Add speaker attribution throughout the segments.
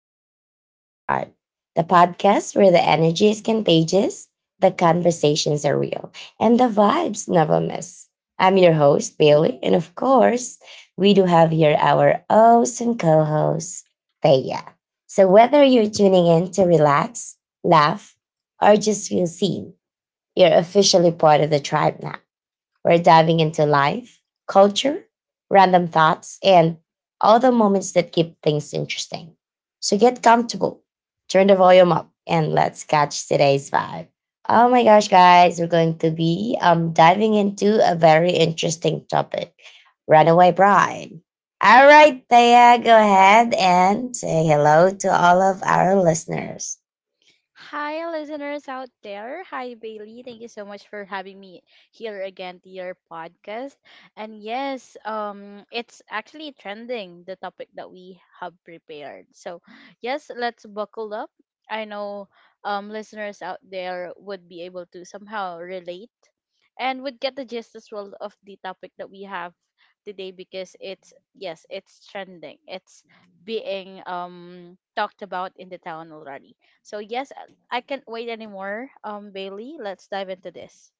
Speaker 1: Welcome to the Vibe Chart, the podcast where the energy is contagious, the conversations are real, and the vibes never miss. I'm your host, Bailey, and of course, we do have here our awesome co host, Thea. So, whether you're tuning in to relax, laugh, or just feel seen, you're officially part of the tribe now. We're diving into life, culture, random thoughts, and all the moments that keep things interesting. So get comfortable, turn the volume up, and let's catch today's vibe. Oh my gosh, guys, we're going to be diving into a very interesting topic Runaway Bride. All right, Thea, go ahead and say hello to all of our listeners.
Speaker 2: Hi, listeners out there. Hi, Bailey. Thank you so much for having me here again to your podcast. And yes, it's actually trending the topic that we have prepared. So, yes, let's buckle up. I know, listeners out there would be able to somehow relate and would get the gist as well of the topic that we have today because it's, yes, it's trending. It's being talked about in the town already. So yes, I can't wait anymore. Bailey, let's dive into this.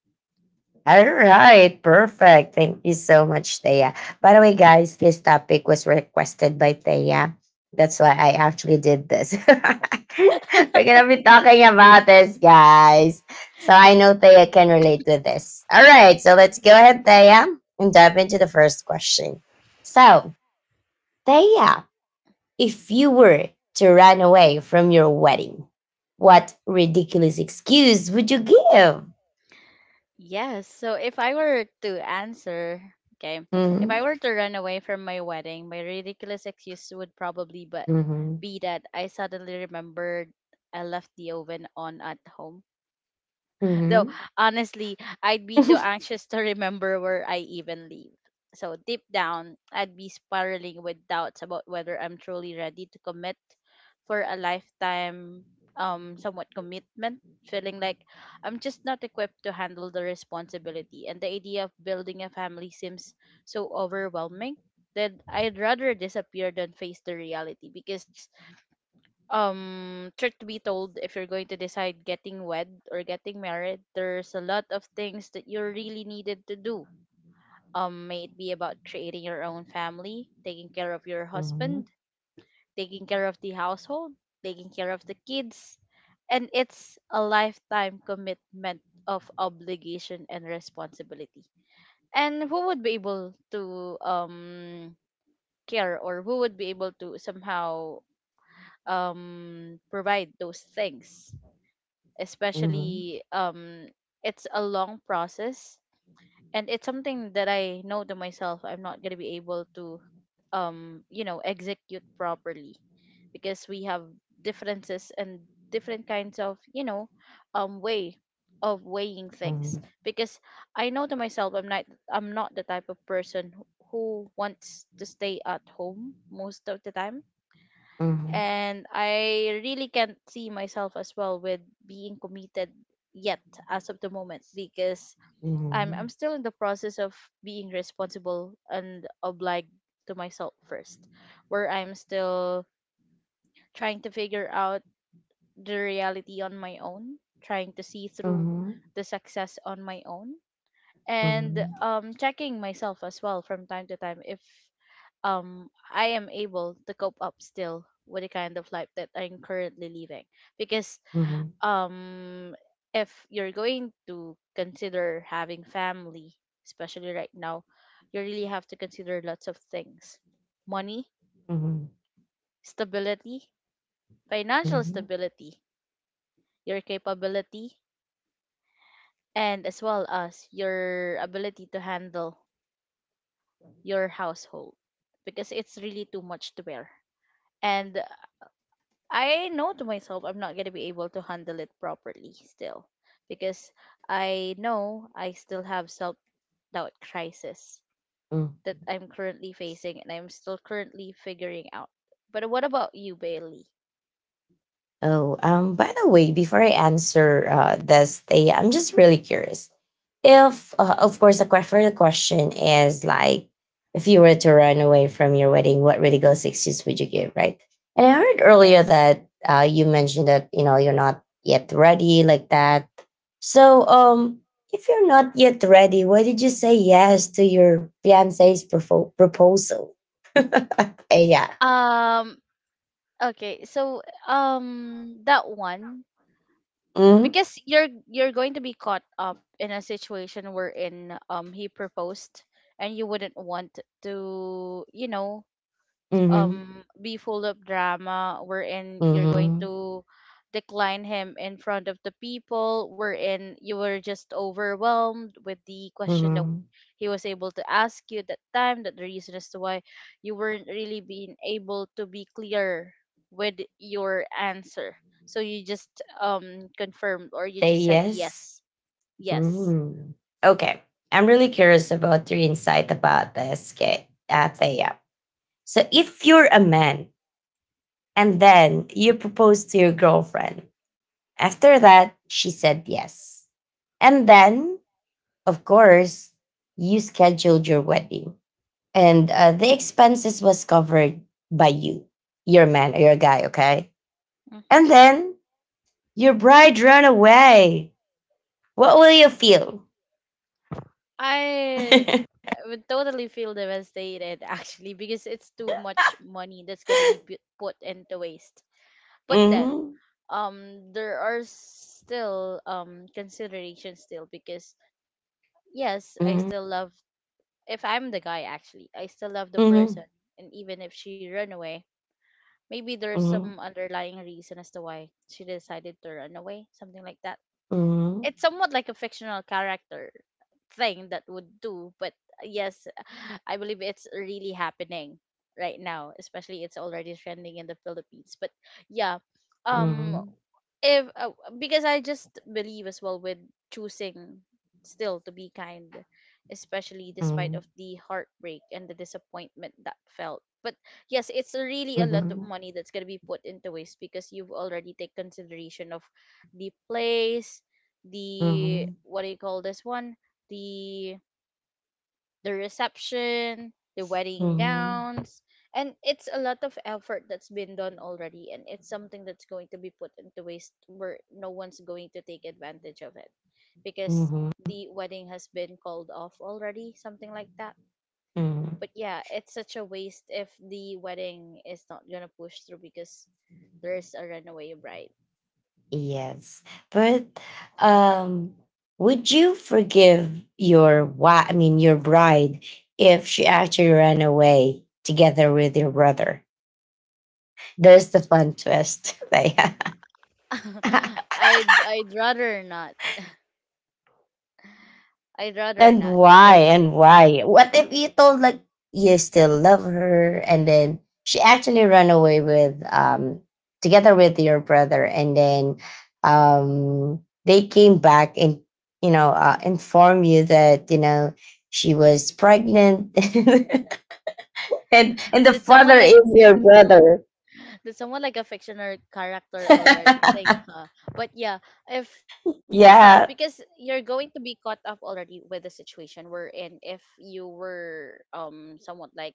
Speaker 1: All right, perfect. Thank you so much, Thea. By the way, guys, this topic was requested by Thea. That's why I actually did this. We're going to be talking about this, guys. So I know Thea can relate to this. All right, so let's go ahead, Thea, and dive into the first question. So, Thea, if you were to run away from your wedding, what ridiculous excuse would you give?
Speaker 2: Yes. So if I were to answer, okay, if I
Speaker 1: Hmm.
Speaker 2: were to run away from my wedding, my ridiculous excuse would probably but
Speaker 1: Hmm.
Speaker 2: be that I suddenly remembered I left the oven on at home. Though
Speaker 1: Hmm.
Speaker 2: honestly, I'd be too anxious to remember where I even live. So deep down, I'd be spiraling with doubts about whether I'm truly ready to commit for a lifetime somewhat commitment, feeling like I'm just not equipped to handle the responsibility, and the idea of building a family seems so overwhelming that I'd rather disappear than face the reality. Because truth to be told, if you're going to decide getting wed or getting married, there's a lot of things that you really needed to do. May it be about creating your own family, taking care of your
Speaker 1: Mhm.
Speaker 2: husband, taking care of the household, taking care of the kids, and it's a lifetime commitment of obligation and responsibility. And who would be able to care, or who would be able to somehow provide those things,
Speaker 1: Mhm.
Speaker 2: especially it's a long process, and it's something that I know to myself I'm not going to be able to execute properly, because we have differences and different kinds of way of weighing things.
Speaker 1: Mhm.
Speaker 2: Because I know to myself I'm not the type of person who wants to stay at home most of the time,
Speaker 1: Mhm.
Speaker 2: and I really can't see myself as well with being committed yet as of the moment, because I'm
Speaker 1: Mhm.
Speaker 2: I'm still in the process of being responsible and obliged to myself first, where I'm still trying to figure out the reality on my own, trying to see through
Speaker 1: Mhm.
Speaker 2: the success on my own, and
Speaker 1: Mhm.
Speaker 2: checking myself as well from time to time if I am able to cope up still with the kind of life that I'm currently living. Because
Speaker 1: Mhm.
Speaker 2: um if you're going to consider having family, especially right now, you really have to consider lots of things: money,
Speaker 1: Mhm.
Speaker 2: stability, financial
Speaker 1: Mhm.
Speaker 2: stability, your capability, and as well as your ability to handle your household, because it's really too much to bear. And I know to myself I'm not gonna be able to handle it properly still, because I know I still have self doubt crisis
Speaker 1: Mhm.
Speaker 2: that I'm currently facing and I'm still currently figuring out. But what about you, Bailey?
Speaker 1: Oh, by the way, before I answer this, thing, I'm just really curious. If, of course, the further question is like, if you were to run away from your wedding, what really goes excuse would you give, right? And I heard earlier
Speaker 2: Yes.
Speaker 1: that you mentioned that you know you're not yet ready like that. So, if you're not yet ready, why did you say yes to your fiance's proposal? Eh, yeah.
Speaker 2: Um. Okay. So that one,
Speaker 1: Mm-hmm.
Speaker 2: because you're going to be caught up in a situation wherein he proposed, and you wouldn't want to
Speaker 1: Mm-hmm.
Speaker 2: be full of drama wherein you're going
Speaker 1: Mm-hmm.
Speaker 2: to decline him in front of the people, wherein you were just overwhelmed with the question that
Speaker 1: Mm-hmm.
Speaker 2: he was able to ask you that time, that the reason as to why you weren't really being able to be clear with your answer, so you just confirmed, or you
Speaker 1: Say
Speaker 2: just said
Speaker 1: yes.
Speaker 2: yes. Yes.
Speaker 1: Mm-hmm. Okay. I'm really curious about your insight about this, okay, Thea. So, if you're a man and then you propose to your girlfriend, after that, she said yes. And then, of course, you scheduled your wedding and the expenses was covered by you, your man or your guy, okay?
Speaker 2: Mhm.
Speaker 1: And then your bride ran away. What will you feel?
Speaker 2: I
Speaker 1: Mm-hmm.
Speaker 2: I would totally feel devastated actually, because it's too much money that's gonna be put into waste. But then, there are still considerations still, because yes, I
Speaker 1: Mm-hmm.
Speaker 2: still love. If I'm the guy, actually, I still love the
Speaker 1: Mm-hmm.
Speaker 2: person, and even if she run away, maybe there's some
Speaker 1: Mm-hmm.
Speaker 2: underlying reason as to why she decided to run away, something like that.
Speaker 1: Mm-hmm.
Speaker 2: It's somewhat like a fictional character thing that would do. But yes, I believe it's really happening right now, especially it's already trending in the Philippines. But yeah, um, if because I just believe as well with choosing still to be kind, especially despite
Speaker 1: Mm-hmm.
Speaker 2: of the heartbreak and the disappointment that felt. But yes, it's really a lot of
Speaker 1: Mm-hmm.
Speaker 2: money that's gonna be put into waste, because you've already take consideration of the place, the what do you call this one, the reception, the wedding
Speaker 1: Mm-hmm.
Speaker 2: gowns, and it's a lot of effort that's been done already, and it's something that's going to be put into waste where no one's going to take advantage of it, because
Speaker 1: Mm-hmm.
Speaker 2: the wedding has been called off already, something like that.
Speaker 1: Mm-hmm.
Speaker 2: But yeah, it's such a waste if the wedding is not gonna push through because there's a runaway bride.
Speaker 1: Yes. But um would you forgive your wife, I mean your bride, if she actually ran away together with your brother? There's the fun twist. Like,
Speaker 2: I'd rather not. I'd rather
Speaker 1: and
Speaker 2: not
Speaker 1: why?
Speaker 2: because
Speaker 1: And why? What if you told like you still love her and then she actually ran away with together with your brother and then um they came back and you know inform you that you know she was pregnant and the
Speaker 2: did
Speaker 1: father
Speaker 2: someone like
Speaker 1: is
Speaker 2: a
Speaker 1: your brother.
Speaker 2: that's someone like a fictional character already thing, huh? But yeah, if because
Speaker 1: Yeah.
Speaker 2: you're going to be caught up already with the situation we're in. If you were somewhat like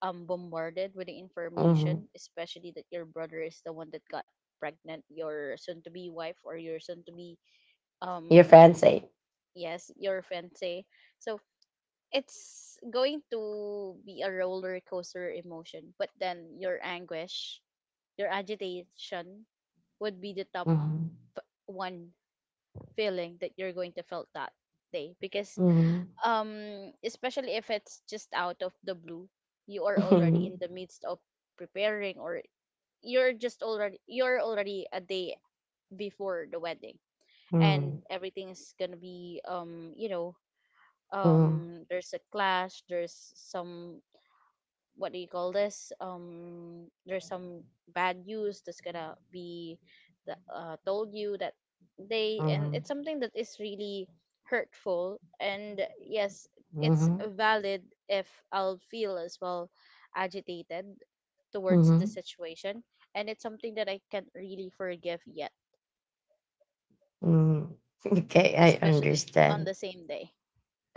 Speaker 2: bombarded with the
Speaker 1: Mhm.
Speaker 2: information, especially that your brother is the one that got pregnant, your soon-to-be wife or your soon-to-be
Speaker 1: Your
Speaker 2: um
Speaker 1: fiance.
Speaker 2: yes, your fiance. So it's going to be a roller coaster emotion, but then your anguish, your agitation would be the top
Speaker 1: Mhm.
Speaker 2: one feeling that you're going to feel that day, because
Speaker 1: Mhm.
Speaker 2: especially if it's just out of the blue, you are already
Speaker 1: Mhm.
Speaker 2: in the midst of preparing, or you're already a day before the wedding, and
Speaker 1: Mhm.
Speaker 2: everything is gonna be there's a clash, there's some what do you call this? There's some bad news that's gonna be told you that day, and
Speaker 1: Mhm.
Speaker 2: it's something that is really hurtful. And yes, it's
Speaker 1: Mhm.
Speaker 2: valid if I'll feel as well agitated towards the
Speaker 1: Mm-hmm.
Speaker 2: situation, and it's something that I can't really forgive yet,
Speaker 1: Mm-hmm. Okay, I
Speaker 2: especially on
Speaker 1: understand.
Speaker 2: the same day.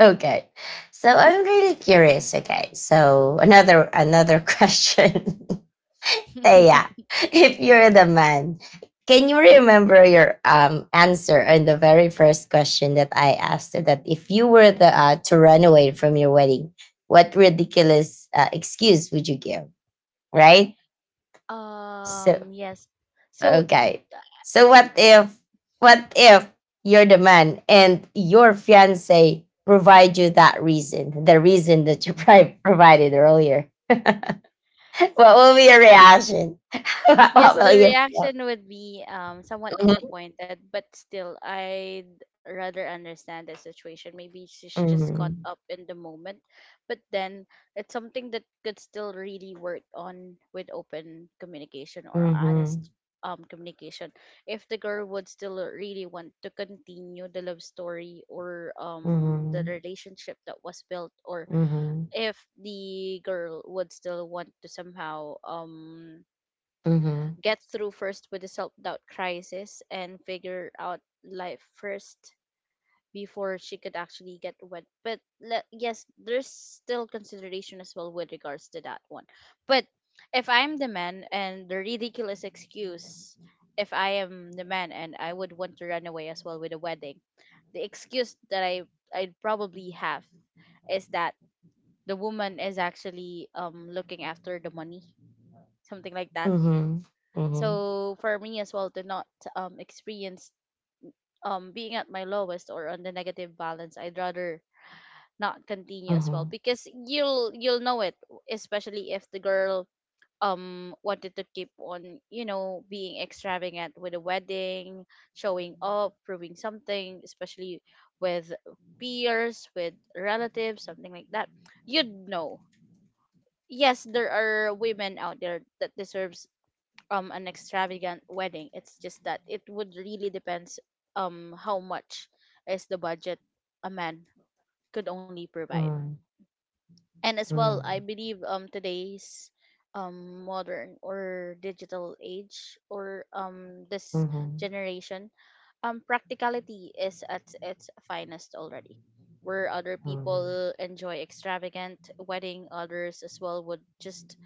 Speaker 1: Okay, so I'm really curious. Okay, so another question, Thea. If you're the man, can you remember your answer on the very first question that I asked? You that if you were the to run away from your wedding, what ridiculous excuse would you give? Right. So
Speaker 2: Yes. So
Speaker 1: okay. So what if you're the man and your fiance provide you that reason, the reason that you provided earlier? What will be your reaction? What
Speaker 2: Yes,
Speaker 1: will
Speaker 2: the
Speaker 1: you feel?
Speaker 2: reaction would be somewhat disappointed, but still I'd rather understand the situation. Maybe she's just caught
Speaker 1: Mhm.
Speaker 2: up in the moment, but then it's something that could still really work on with open communication or honest
Speaker 1: Mhm.
Speaker 2: communication. If the girl would still really want to continue the love story or the
Speaker 1: Mhm.
Speaker 2: relationship that was built, or
Speaker 1: Mhm.
Speaker 2: if the girl would still want to somehow
Speaker 1: Mhm.
Speaker 2: get through first with the self doubt crisis and figure out life first before she could actually get wet. But yes, there's still consideration as well with regards to that one. But if I'm the man and the ridiculous excuse, if I am the man and I would want to run away as well with a wedding, the excuse that I'd probably have is that the woman is actually looking after the money, something like that,
Speaker 1: Mhm. Mhm.
Speaker 2: so for me as well to not experience being at my lowest or on the negative balance, I'd rather not continue as well,
Speaker 1: Mhm.
Speaker 2: because you'll know it, especially if the girl wanted to keep on being extravagant with a wedding, showing up, proving something, especially with peers, with relatives, something like that. You'd know. Yes, there are women out there that deserves an extravagant wedding. It's just that it would really depends how much is the budget a man could only provide.
Speaker 1: Mhm.
Speaker 2: And as well, I
Speaker 1: Mhm.
Speaker 2: believe today's modern or digital age, or
Speaker 1: Mhm.
Speaker 2: this
Speaker 1: Mhm.
Speaker 2: generation, practicality is at its finest already. Where other people enjoy extravagant wedding, others as well would just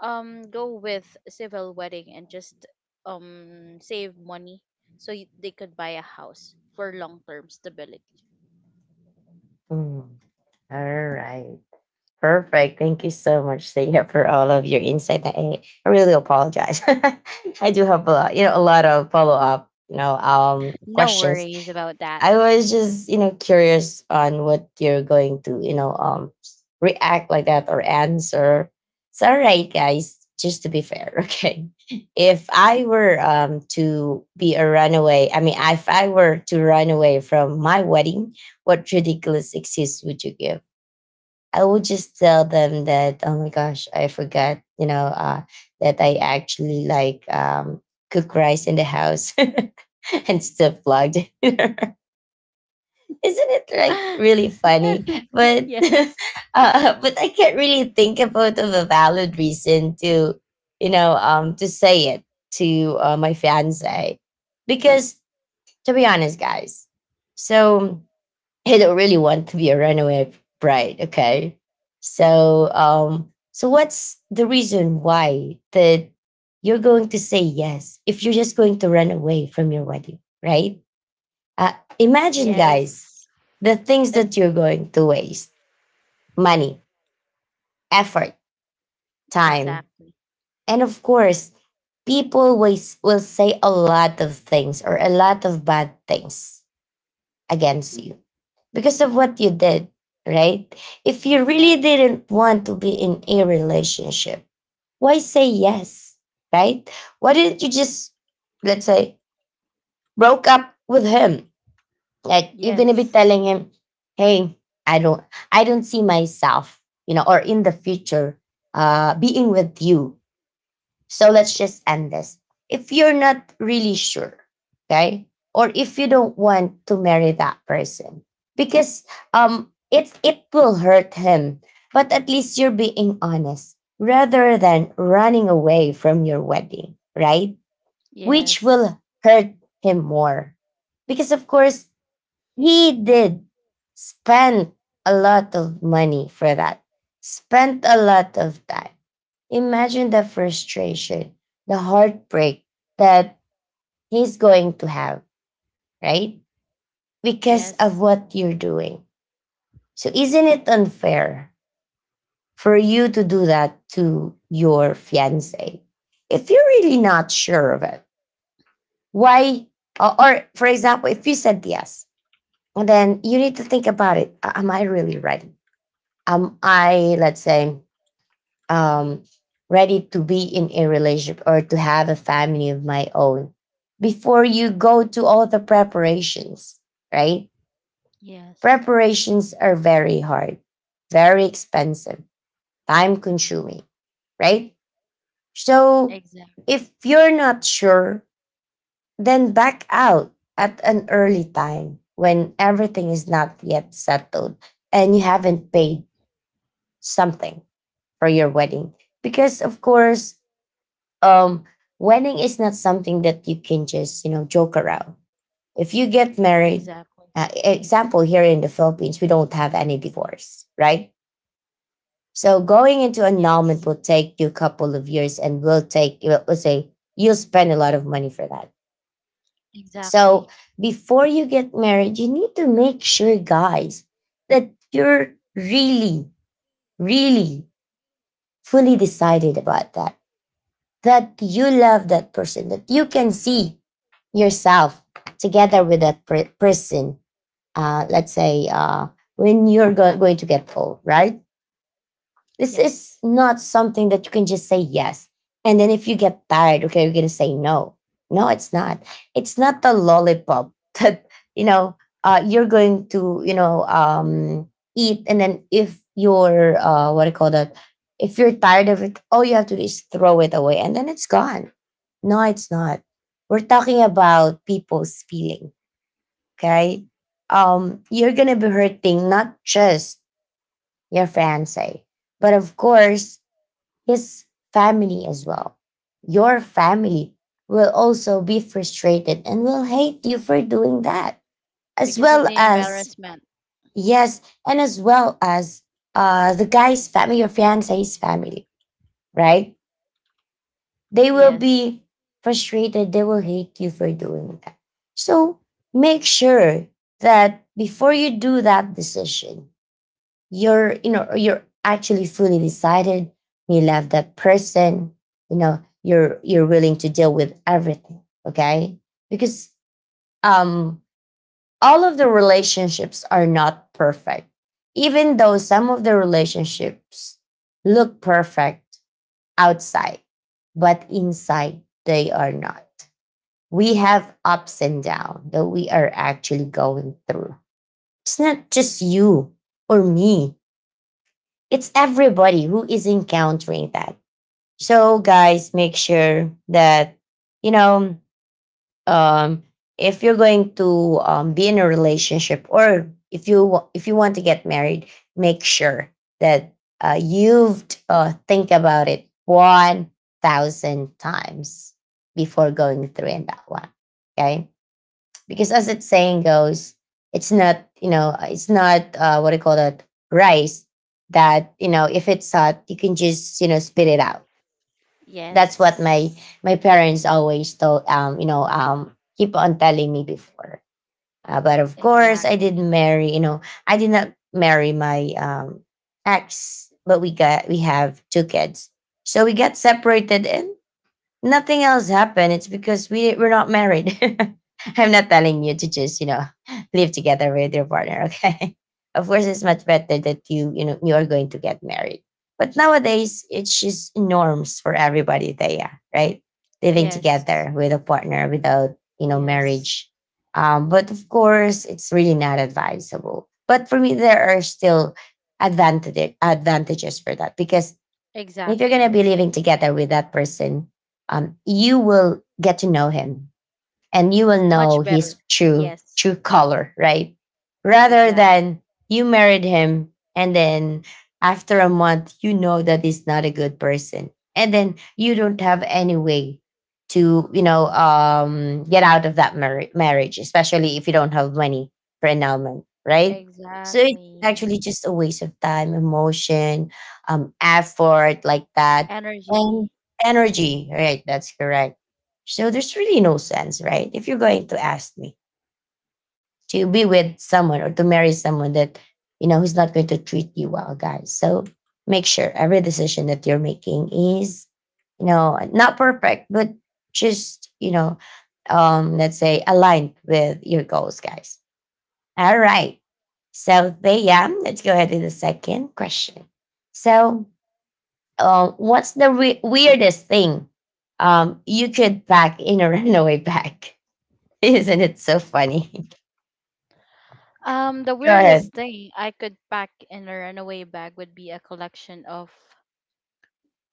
Speaker 2: go with civil wedding and just save money so they could buy a house for long-term stability.
Speaker 1: Mhm. All right. Perfect. Thank you so much, Saya, for all of your insight. I really apologize. I do have a lot, a lot of follow up, you know,
Speaker 2: No
Speaker 1: questions.
Speaker 2: worries about that.
Speaker 1: I was just, curious on what you're going to, you know, react like that or answer. It's all right, guys. Just to be fair, okay. If I were to be a runaway, I mean, if I were to run away from my wedding, what ridiculous excuse would you give? I would just tell them that, oh my gosh, I forgot, you know, that I actually like cook rice in the house and still vlogged. It. Isn't it like really funny? But
Speaker 2: Yes.
Speaker 1: but I can't really think about of a valid reason to, you know, to say it to my fiance, because to be honest, guys, so he don't really want to be a runaway bride. Okay. So so what's the reason why that you're going to say yes if you're just going to run away from your wedding, right? Uh, imagine, guys,
Speaker 2: Yes.
Speaker 1: the things
Speaker 2: It's
Speaker 1: that you're going to waste: money, effort, time,
Speaker 2: exactly.
Speaker 1: and of course, people will, say a lot of things or a lot of bad things against you because of what you did, right? If you really
Speaker 2: Exactly.
Speaker 1: didn't want to be in a relationship, why say yes, right? Why didn't you just, let's say, broke up with him? Like you're gonna be
Speaker 2: Yes.
Speaker 1: telling him, "Hey, I don't, I don't see myself, you know, or in the future, being with you." So let's just end this. If you're not really sure, okay, or if you don't want to marry that person, because it will hurt him, but at least you're being honest rather than running away from your wedding, right? Which will
Speaker 2: Yes.
Speaker 1: hurt him more, because of course he did spend a lot of money for that, spent a lot of time. Imagine the frustration, the heartbreak that he's going to have, right? Because of
Speaker 2: Yes.
Speaker 1: what you're doing. So, isn't it unfair for you to do that to your fiance? If you're really not sure of it, why? Or, for example, if you said yes, then you need to think about it. Am I really ready? Am I, let's say, um, ready to be in a relationship or to have a family of my own before you go to all the preparations, right?
Speaker 2: Yes.
Speaker 1: Preparations are very hard, very expensive, time consuming, right? So
Speaker 2: Exactly.
Speaker 1: if you're not sure, then back out at an early time when everything is not yet settled and you haven't paid something for your wedding. Because, of course, um wedding is not something that you can just joke around if you get married.
Speaker 2: Exactly.
Speaker 1: Example, here in the Philippines we don't have any divorce, right? So going into
Speaker 2: Yes.
Speaker 1: annulment will take you a couple of years, and will take, we'll say, you'll spend a lot of money for that.
Speaker 2: Exactly.
Speaker 1: So before you get married you need to make sure, guys, that you're really really fully decided about that, that you love that person, that you can see yourself together with that person. Let's say when you're going to get old, right? This
Speaker 2: Yes.
Speaker 1: is not something that you can just say yes. And then if you get tired, okay, you're going to say no. No, it's not. It's not the lollipop that, you know, you're going to, you know, eat. And then if you're, what do you call that? If you're tired of it, all you have to do is throw it away and then it's gone. No, it's not. We're talking about people's feeling. Okay. You're gonna be hurting not just your fiance, but of course his family as well. Your family will also be frustrated and will hate you for doing that. As
Speaker 2: Because of
Speaker 1: well
Speaker 2: the
Speaker 1: as
Speaker 2: embarrassment.
Speaker 1: yes, and as well as the guy's family, your fiance's family, right? They will
Speaker 2: Yes.
Speaker 1: be frustrated. They will hate you for doing that. So make sure that before you do that decision, you're actually fully decided. You love that person. You know you're willing to deal with everything. Okay, because um all of the relationships are not perfect. Even though some of the relationships look perfect, outside, but inside they are not. We have ups and downs that we are actually going through. It's not just you or me, it's everybody who is encountering that. So, guys, make sure that, you know, um if you're going to be in a relationship or if you if you want to get married, make sure that you've think about it 1,000 times before going through in that one, okay, because as it's saying goes, it's not it's not what do you call that rice, that, you know, if it's hot you can just spit it out. That's what my
Speaker 2: Yes.
Speaker 1: parents always told keep on telling me before. But of course, I
Speaker 2: Exactly.
Speaker 1: didn't marry. I did not marry my ex, but we have two kids. So we got separated, and nothing else happened. It's because we're not married. I'm not telling you to just live together with your partner. Okay, of course it's much better that you are going to get married. But nowadays it's just norms for everybody. They Right, living
Speaker 2: Yes.
Speaker 1: together with a partner without
Speaker 2: Yes.
Speaker 1: marriage. But of course it's really not advisable. But for me, there are still advantages for that because if you're going to be
Speaker 2: Exactly.
Speaker 1: living together with that person, you will get to know him and you will know
Speaker 2: Much
Speaker 1: his
Speaker 2: better.
Speaker 1: true
Speaker 2: Yes.
Speaker 1: color, right? Rather
Speaker 2: Exact.
Speaker 1: than you married him and then after a month you know that he's not a good person and then you don't have any way to get out of that marriage, especially if you don't have money for annulment, right? So it's
Speaker 2: Exactly.
Speaker 1: actually just a waste of time, emotion, effort like that, and
Speaker 2: Energy.
Speaker 1: energy, right? That's correct. So there's really no sense, right? If you're going to ask me to be with someone or to marry someone that, who's not going to treat you well, guys. So make sure every decision that you're making is, not perfect, but just, let's say aligned with your goals, guys. All right. So Thea, let's go ahead to the second question. So what's the weirdest thing you could pack in a runaway bag? Isn't it so funny?
Speaker 2: The
Speaker 1: Go ahead.
Speaker 2: weirdest thing I could pack in a runaway bag would be a collection of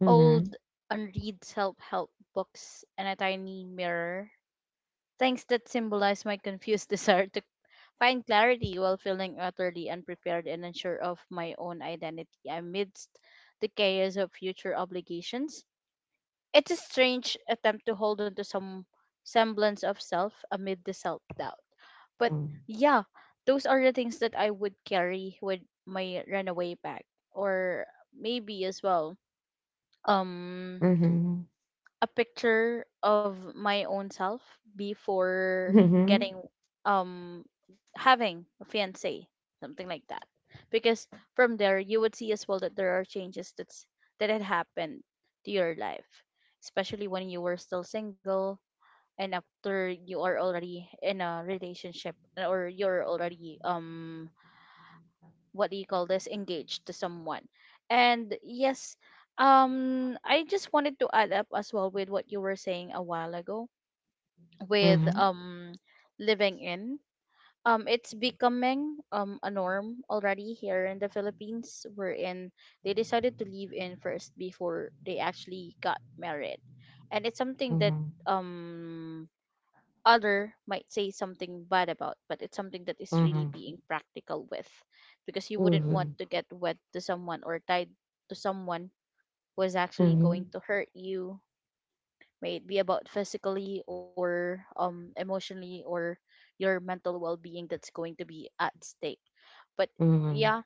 Speaker 1: hmm
Speaker 2: old, unread self-help books and a tiny mirror. Things that symbolize my confused desire to find clarity while feeling utterly unprepared and unsure of my own identity amidst the chaos of future obligations. It's a strange attempt to hold on to some semblance of self amid the self doubt. But
Speaker 1: Mm-hmm.
Speaker 2: yeah, those are the things that I would carry with my runaway bag, or maybe as well. Um,
Speaker 1: Mm-hmm.
Speaker 2: a picture of my own self before
Speaker 1: Mm-hmm.
Speaker 2: getting um having a fiance, something like that, because from there you would see as well that there are changes that had happened to your life, especially when you were still single and after you are already in a relationship or you're already what do you call this, engaged to someone. And yes, I just wanted to add up as well with what you were saying a while ago with
Speaker 1: Mm-hmm.
Speaker 2: living in. It's becoming a norm already here in the Philippines, wherein they decided to live in first before they actually got married. And it's something that
Speaker 1: Mm-hmm.
Speaker 2: other might say something bad about, but it's something that is really
Speaker 1: Mm-hmm.
Speaker 2: being practical with, because you wouldn't want
Speaker 1: Mm-hmm.
Speaker 2: to get wed to someone or tied to someone who is actually going to hurt you, may it be about physically or emotionally, or your mental well-being that's going to be at stake. But
Speaker 1: Mm-hmm.
Speaker 2: yeah,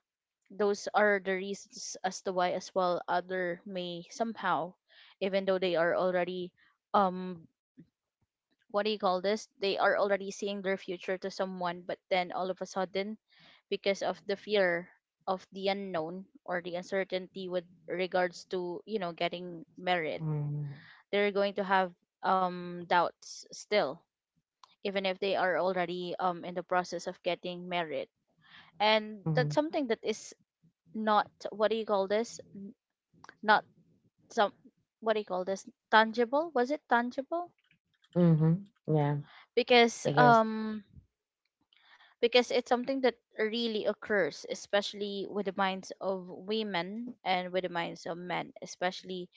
Speaker 2: those are the reasons as to why as well other may somehow, even though they are already um what do you call this? They are already seeing their future to someone, but then all of a sudden, because of the fear of the unknown or the uncertainty with regards to, you know, getting married, they're going to have doubts still, even if they are already in the process of getting married. And
Speaker 1: Mm-hmm.
Speaker 2: that's something that is not, what do you call this? Not some, what do you call this? Tangible? Was it tangible?
Speaker 1: Mm-hmm. Yeah,
Speaker 2: Because
Speaker 1: I guess.
Speaker 2: um because it's something that really occurs, especially with the minds of women and with the minds of men, especially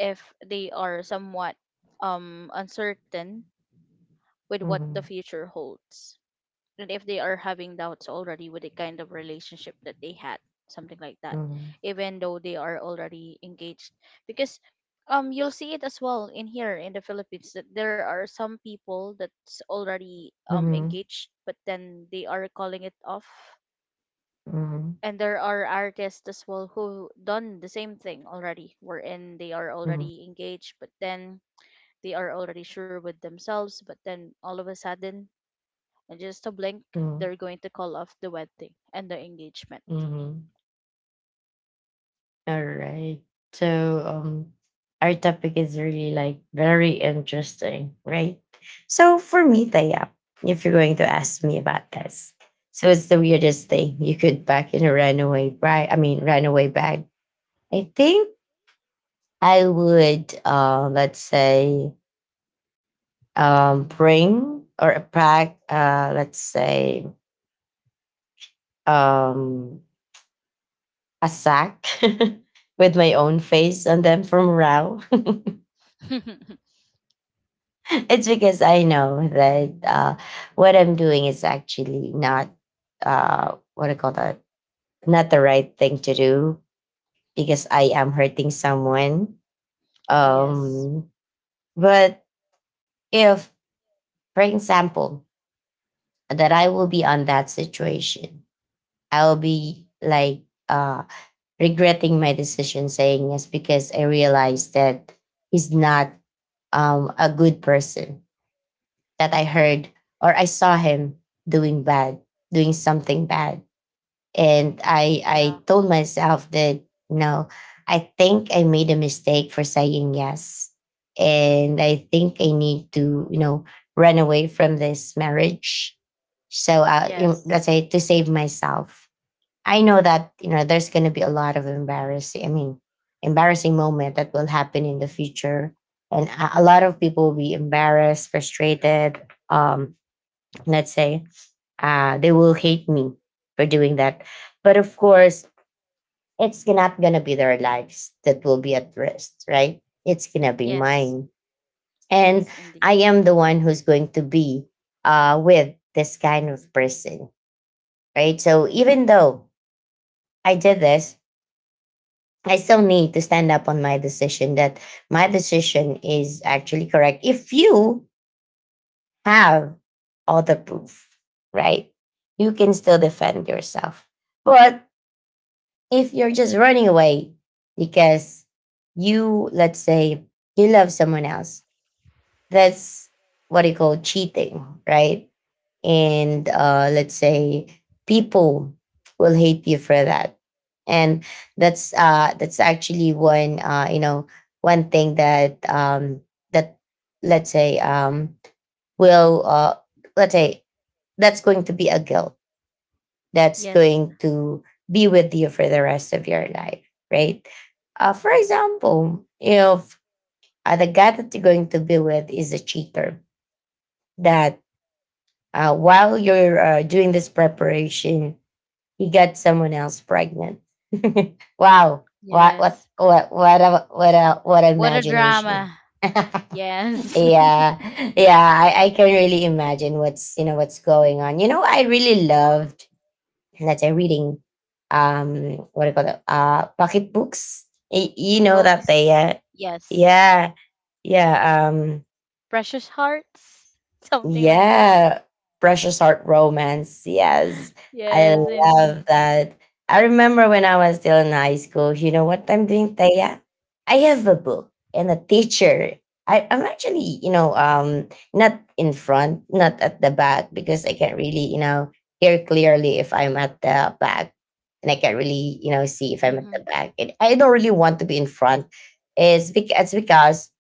Speaker 2: if they are somewhat uncertain with what the
Speaker 1: Mm-hmm.
Speaker 2: future holds, and if they are having doubts already with the kind of relationship that they had, something like that,
Speaker 1: Mm-hmm.
Speaker 2: even though they are already engaged. Because you'll see it as well in here in the Philippines that there are some people that's already
Speaker 1: Mm-hmm.
Speaker 2: engaged, but then they are calling it off.
Speaker 1: Mm-hmm.
Speaker 2: And there are artists as well who done the same thing already, wherein they are
Speaker 1: Mm-hmm.
Speaker 2: already engaged, but then they are already sure with themselves, but then all of a sudden and just a blink, they're going to call off the wedding and the engagement.
Speaker 1: Mm-hmm. All right. So our topic is really like very interesting, right? So for me, Taya, if you're going to ask me about this, so it's the weirdest thing you could pack in a runaway bag. I mean, runaway bag. I think I would, let's say, bring or pack, let's say, um, a sack with my own face on them from Rao. It's because I know that what I'm doing is actually not what I call that, not the right thing to do because I am hurting someone.
Speaker 2: Yes.
Speaker 1: Um, but if, for example, that I will be on that situation, I'll be like uh, regretting my decision, saying yes, because I realized that he's not a good person, that I heard or I saw him doing bad, doing something bad. And I
Speaker 2: Yeah.
Speaker 1: I told myself that, you know, I think I made a mistake for saying yes. And I think I need to, you know, run away from this marriage. So
Speaker 2: Yes.
Speaker 1: let's say to save myself. I know that you know there's going to be a lot of embarrassing. I mean, embarrassing moment that will happen in the future, and a lot of people will be embarrassed, frustrated. Um, let's say they will hate me for doing that, but of course, it's not going to be their lives that will be at risk, right? It's going to be
Speaker 2: Yes.
Speaker 1: mine,
Speaker 2: Yes,
Speaker 1: and
Speaker 2: indeed.
Speaker 1: I am the one who's going to be with this kind of person, right? So even though I did this, I still need to stand up on my decision that my decision is actually correct. If you have other proof, right, you can still defend yourself. But if you're just running away because you, let's say, you love someone else, that's what you call cheating, right? And let's say people will hate you for that, and that's actually one one thing that let's say will let's say that's going to be a guilt that's
Speaker 2: Yes.
Speaker 1: going to be with you for the rest of your life, right? For example, you know, if the guy that you're going to be with is a cheater, that while you're doing this preparation, he got someone else pregnant. Wow.
Speaker 2: Yes.
Speaker 1: What a what a what
Speaker 2: What a
Speaker 1: imagination.
Speaker 2: drama. Yes.
Speaker 1: Yeah. Yeah. I can really imagine what's what's going on. You know, I really loved, let's say, reading um what do you call it? Pocket books. You know that they
Speaker 2: Ebooks. Yes.
Speaker 1: yeah, yeah.
Speaker 2: Precious hearts. Something like that.
Speaker 1: Yeah, Precious Heart Romance. Yes, I
Speaker 2: Yes,
Speaker 1: love
Speaker 2: indeed.
Speaker 1: that. I remember when I was still in high school, you know what I'm doing, Taya? I have a book and a teacher. I'm actually, you know, not in front, not at the back, because I can't really, you know, hear clearly if I'm at the back. And I can't really, you know, see if I'm at
Speaker 2: Hmm.
Speaker 1: the back. And I don't really want to be in front. Is because It's because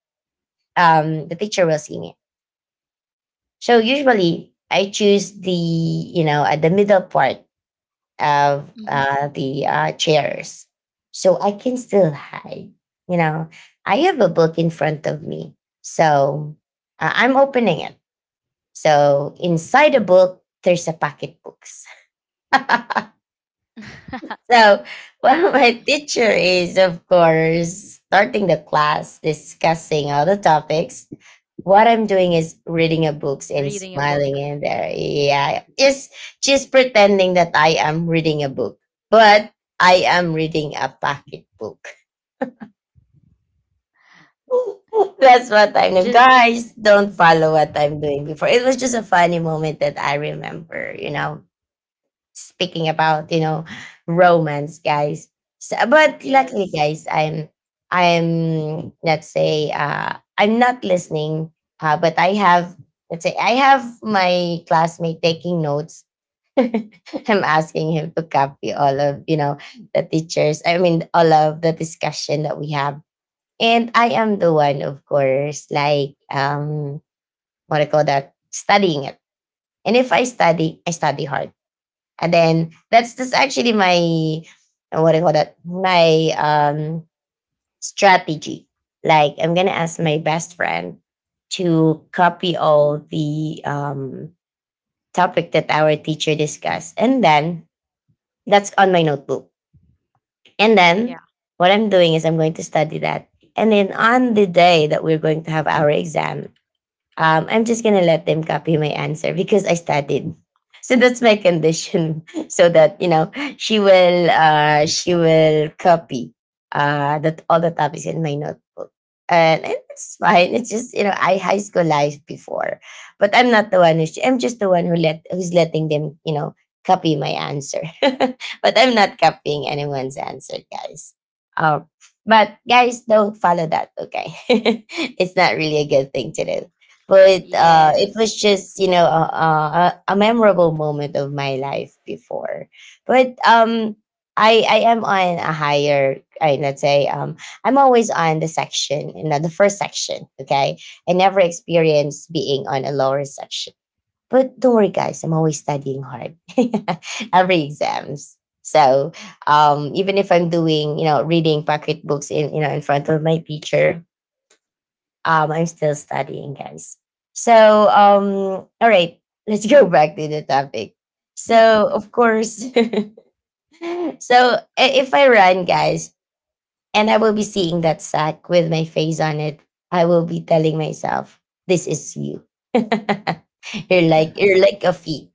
Speaker 1: the teacher will see me, so usually I choose the, you know, at the middle part of
Speaker 2: Hmm.
Speaker 1: the chairs, so I can still hide. You know, I have a book in front of me, so I'm opening it. So inside the book, there's a pocket books. So well, my teacher is of course starting the class discussing all the topics, what I'm doing is reading a books and
Speaker 2: Reading a
Speaker 1: smiling
Speaker 2: book.
Speaker 1: in there. Yeah, just pretending that I am reading a book, but I am reading a pocket book. That's what I'm doing.
Speaker 2: Just
Speaker 1: Guys, don't follow what I'm doing before. It was just a funny moment that I remember, you know, speaking about, you know, romance, guys. So, but luckily,
Speaker 2: yes.
Speaker 1: guys, I'm let's say I'm not listening, but I have, let's say, I have my classmate taking notes. I'm asking him to copy all of, you know, the teachers, I mean, all of the discussion that we have, and I am the one of course like what do you call that, studying it. And if I study, I study hard, and then that's actually my what do you call that? My strategy. Like I'm gonna ask my best friend to copy all the topic that our teacher discussed. And then that's on my notebook. And then
Speaker 2: Yeah.
Speaker 1: what I'm doing is I'm going to study that. And then on the day that we're going to have our exam, I'm just gonna let them copy my answer because I studied. So that's my condition. So that you know, she will copy, that all the topics in my notebook, and it's fine. It's just you know, I high school life before, but I'm not the one who's. I'm just the one who let who's letting them, you know, copy my answer, but I'm not copying anyone's answer, guys. Uh, but guys, don't follow that. Okay, it's not really a good thing to do, but it was
Speaker 2: Yes.
Speaker 1: just, you know, a memorable moment of my life before, but I am on a higher, I let's say, I'm always on the section, you know, the first section, okay. I never experienced being on a lower section, but don't worry, guys, I'm always studying hard every exams. So even if I'm doing, you know, reading pocket books in, you know, in front of my teacher, I'm still studying, guys. So, all right, let's go back to the topic. So, of course, so if I run, guys, and I will be seeing that sack with my face on it. I will be telling myself, this is you. You're like, you're like a feet.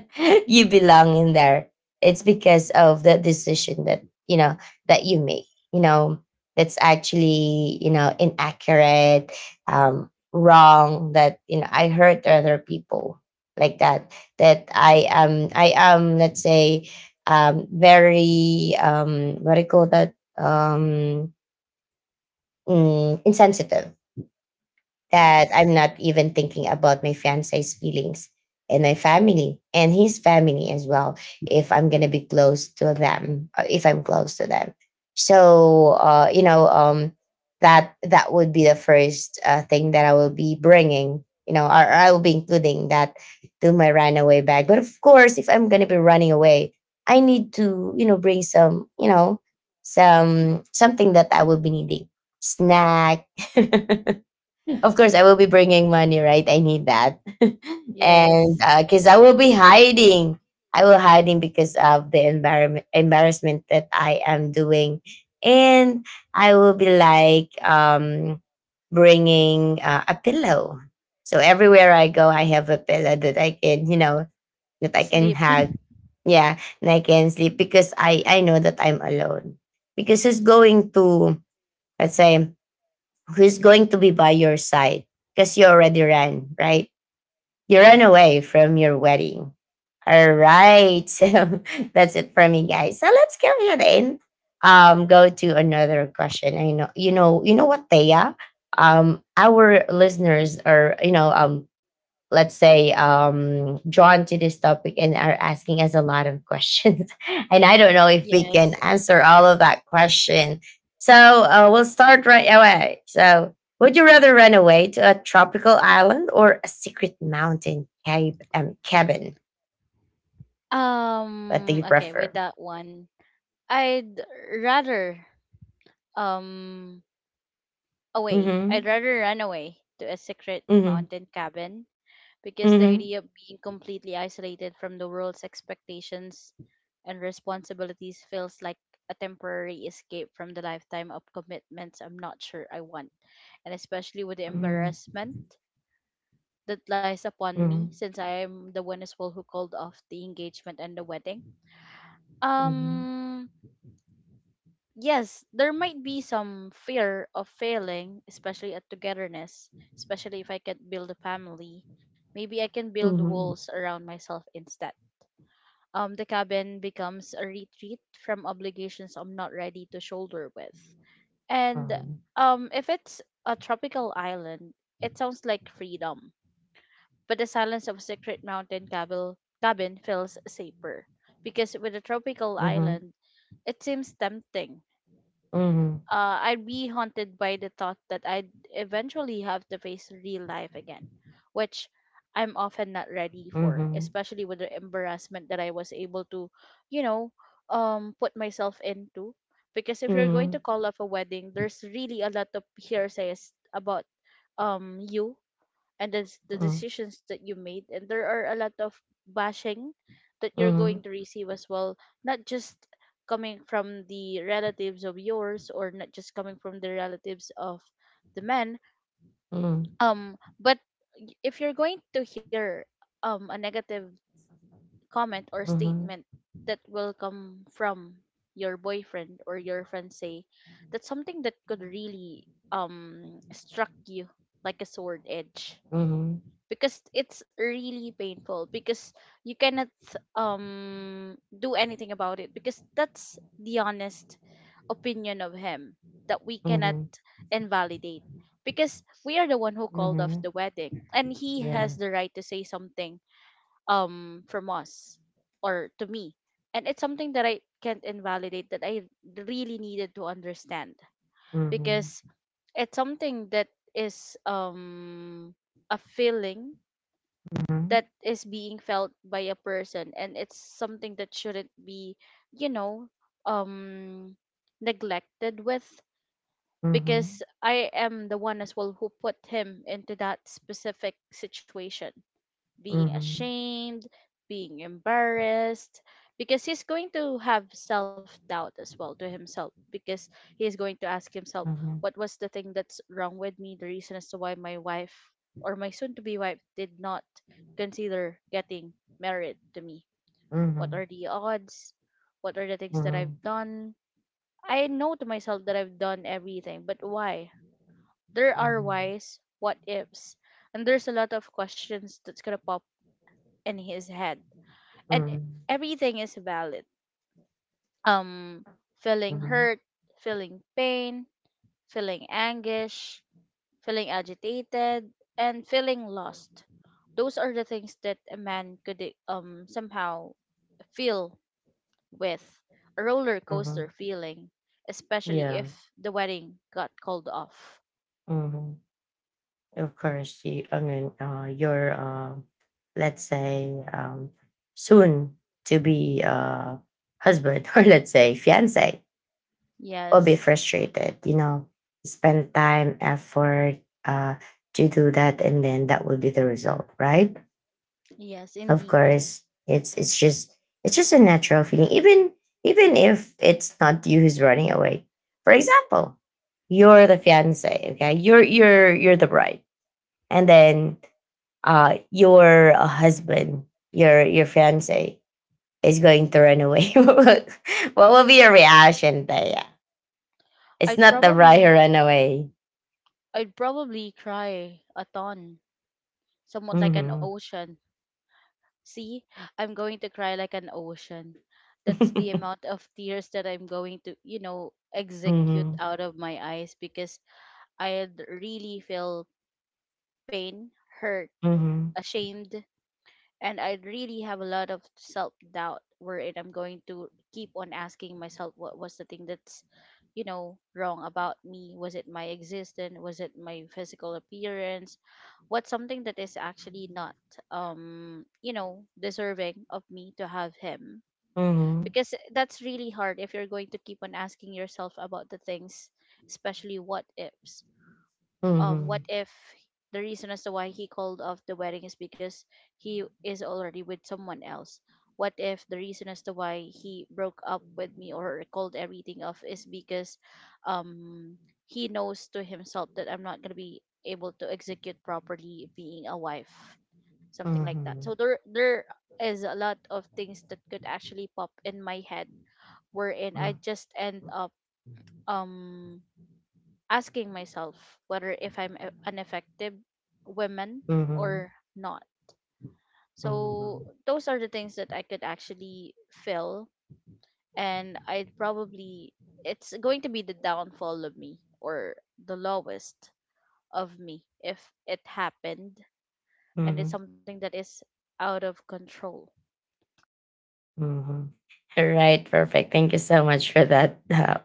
Speaker 1: You belong in there. It's because of the decision that you know that you make. You know, that's actually, you know, inaccurate, wrong, that you know, I hurt other people like that. That I am, let's say, very what do you call that? um, Insensitive, that I'm
Speaker 2: Yes.
Speaker 1: not even thinking about my fiance's feelings and my family and his family as well, if I'm going to be close to them, if I'm close to them. So, that that would be the first thing that I will be bringing, you know, or I will be including that to my runaway bag. But of course, if I'm going to be running away, I need to, you know, bring some, you know, some something that I will be needing, snack, of course I will be bringing money, right? I need that. And
Speaker 2: Yes.
Speaker 1: because I will be hiding, I will hiding because of the environment embarrassment that I am doing, and I will be like bringing a pillow, so everywhere I go I have a pillow that I can, you know, that I can
Speaker 2: Sleep.
Speaker 1: hug. Yeah, and I can sleep because I know that I'm alone, because who's going to, let's say, who's going to be by your side because you already ran, right? You ran
Speaker 2: Yes.
Speaker 1: away from your wedding. All right. So that's it for me, guys. So let's go ahead and go to another question. I know, you know, you know what, Thea? Our listeners are, let's say drawn to this topic and are asking us a lot of questions and I don't know if we can
Speaker 2: Yes.
Speaker 1: answer all of that question so we'll start right away. So would you rather run away to a tropical island or a secret mountain cave cabin? What do you
Speaker 2: Okay, with
Speaker 1: prefer?
Speaker 2: that one, I'd rather um away. I'd
Speaker 1: Mm-hmm.
Speaker 2: rather run away to a secret
Speaker 1: Mm-hmm.
Speaker 2: mountain cabin, because the
Speaker 1: Mm-hmm.
Speaker 2: idea of being completely isolated from the world's expectations and responsibilities feels like a temporary escape from the lifetime of commitments I'm not sure I want, and especially with the
Speaker 1: Mm-hmm.
Speaker 2: embarrassment that lies upon me since I am the one as well who called off the engagement and the wedding.
Speaker 1: Mm-hmm.
Speaker 2: Um, yes, there might be some fear of failing, especially at togetherness, especially if I can't build a family. Maybe I can build
Speaker 1: Mm-hmm.
Speaker 2: walls around myself instead. The cabin becomes a retreat from obligations I'm not ready to shoulder with. And if it's a tropical island, it sounds like freedom. But the silence of secret mountain cabin feels safer, because with a tropical
Speaker 1: Mm-hmm.
Speaker 2: island, it seems tempting.
Speaker 1: Mm-hmm.
Speaker 2: I'd be haunted by the thought that I'd eventually have to face real life again, which I'm often not ready for,
Speaker 1: Mm-hmm.
Speaker 2: especially with the embarrassment that I was able to, you know, put myself into. Because if
Speaker 1: Mm-hmm.
Speaker 2: you're going
Speaker 1: Mm-hmm.
Speaker 2: to call off a wedding, there's really a lot of hearsays about you, and that's the decisions that you made, and there are a lot of bashing that you're going
Speaker 1: Mm-hmm.
Speaker 2: to receive as well, not just coming from the relatives of yours or not just coming from the relatives of the men.
Speaker 1: Mm-hmm.
Speaker 2: But if you're going to hear a negative comment or
Speaker 1: Mm-hmm.
Speaker 2: statement that will come from your boyfriend or your fiance, that's something that could really struck you like a sword edge,
Speaker 1: Mhm.
Speaker 2: because it's really painful, because you cannot do anything about it, because that's the honest opinion of him that we cannot
Speaker 1: Mhm.
Speaker 2: invalidate, because we are the one who called off the
Speaker 1: Mhm.
Speaker 2: wedding and he has
Speaker 1: Yeah.
Speaker 2: the right to say something from us or to me. And it's something that I can't invalidate, that I really needed to understand,
Speaker 1: Mhm.
Speaker 2: because it's something that is a feeling that
Speaker 1: Mhm.
Speaker 2: is being felt by a person, and it's something that shouldn't be, you know, um neglected with, because
Speaker 1: Mhm.
Speaker 2: I am the one as well who put him into that specific situation, being
Speaker 1: Mhm.
Speaker 2: ashamed, being embarrassed, because he's going to have self doubt as well to himself, because he is going to ask himself,
Speaker 1: Mhm.
Speaker 2: what was the thing that's wrong with me, the reason as to why my wife or my soon to be wife did not consider getting married to me? What
Speaker 1: Mhm.
Speaker 2: are the odds? What are the things that I've
Speaker 1: Mhm.
Speaker 2: done? I know to myself that I've done everything, but why? There are
Speaker 1: Mhm.
Speaker 2: whys, what ifs, and there's a lot of questions that's gonna pop in his head. And
Speaker 1: Mhm.
Speaker 2: everything is valid, um feeling
Speaker 1: Mhm.
Speaker 2: hurt, feeling pain, feeling anguish, feeling agitated, and feeling lost. Those are the things that a man could somehow feel, with a roller coaster
Speaker 1: Mhm.
Speaker 2: feeling, especially
Speaker 1: Yeah.
Speaker 2: if the wedding got called off.
Speaker 1: Mhm. Of course, you, I mean, your, let's say, soon to be husband or let's say fiance will be
Speaker 2: Yes.
Speaker 1: frustrated. You know, spend time, effort, uh, to do that, and then that will be the result, right?
Speaker 2: Yes,
Speaker 1: Of
Speaker 2: indeed.
Speaker 1: course, it's just it's just a natural feeling. Even even if it's not you who's running away. For example, you're the fiance, okay? You're the bride, and then your husband, your fiance is going to run away. What will be your reaction, Taya? It's
Speaker 2: i'd
Speaker 1: not the bride who
Speaker 2: probably
Speaker 1: ran away.
Speaker 2: i'd probably cry a ton, somewhat like an
Speaker 1: Mm-hmm.
Speaker 2: ocean. See, I'm going to cry like an ocean. That's the amount of tears that I'm going to, you know, execute
Speaker 1: Mm-hmm.
Speaker 2: out of my eyes, because I really feel pain, hurt,
Speaker 1: Mm-hmm.
Speaker 2: ashamed, and I really have a lot of self doubt, wherein I'm going to keep on asking myself what was the thing that's, you know, wrong about me. Was it my existence? Was it my physical appearance? What's something that is actually not, you know, deserving of me to have him?
Speaker 1: Mm-hmm.
Speaker 2: Because that's really hard if you're going to keep on asking yourself about the things, especially what ifs.
Speaker 1: Mm-hmm.
Speaker 2: What if the reason as to why he called off the wedding is because he is already with someone else? What if the reason as to why he broke up with me or called everything off is because um he knows to himself that I'm not going to be able to execute properly being a wife, something like that?
Speaker 1: Mm-hmm.
Speaker 2: So there is a lot of things that could actually pop in my head, wherein I
Speaker 1: Mm-hmm.
Speaker 2: just end up um asking myself whether if I'm an effective woman or not. So
Speaker 1: Mm-hmm.
Speaker 2: those are the things that I could actually fill, and I'd probably, it's going to be the downfall of me or the lowest of me if it happened, and it's
Speaker 1: Mhm,
Speaker 2: something that is out of control.
Speaker 1: mhm. All right, perfect. Thank you so much for that uh,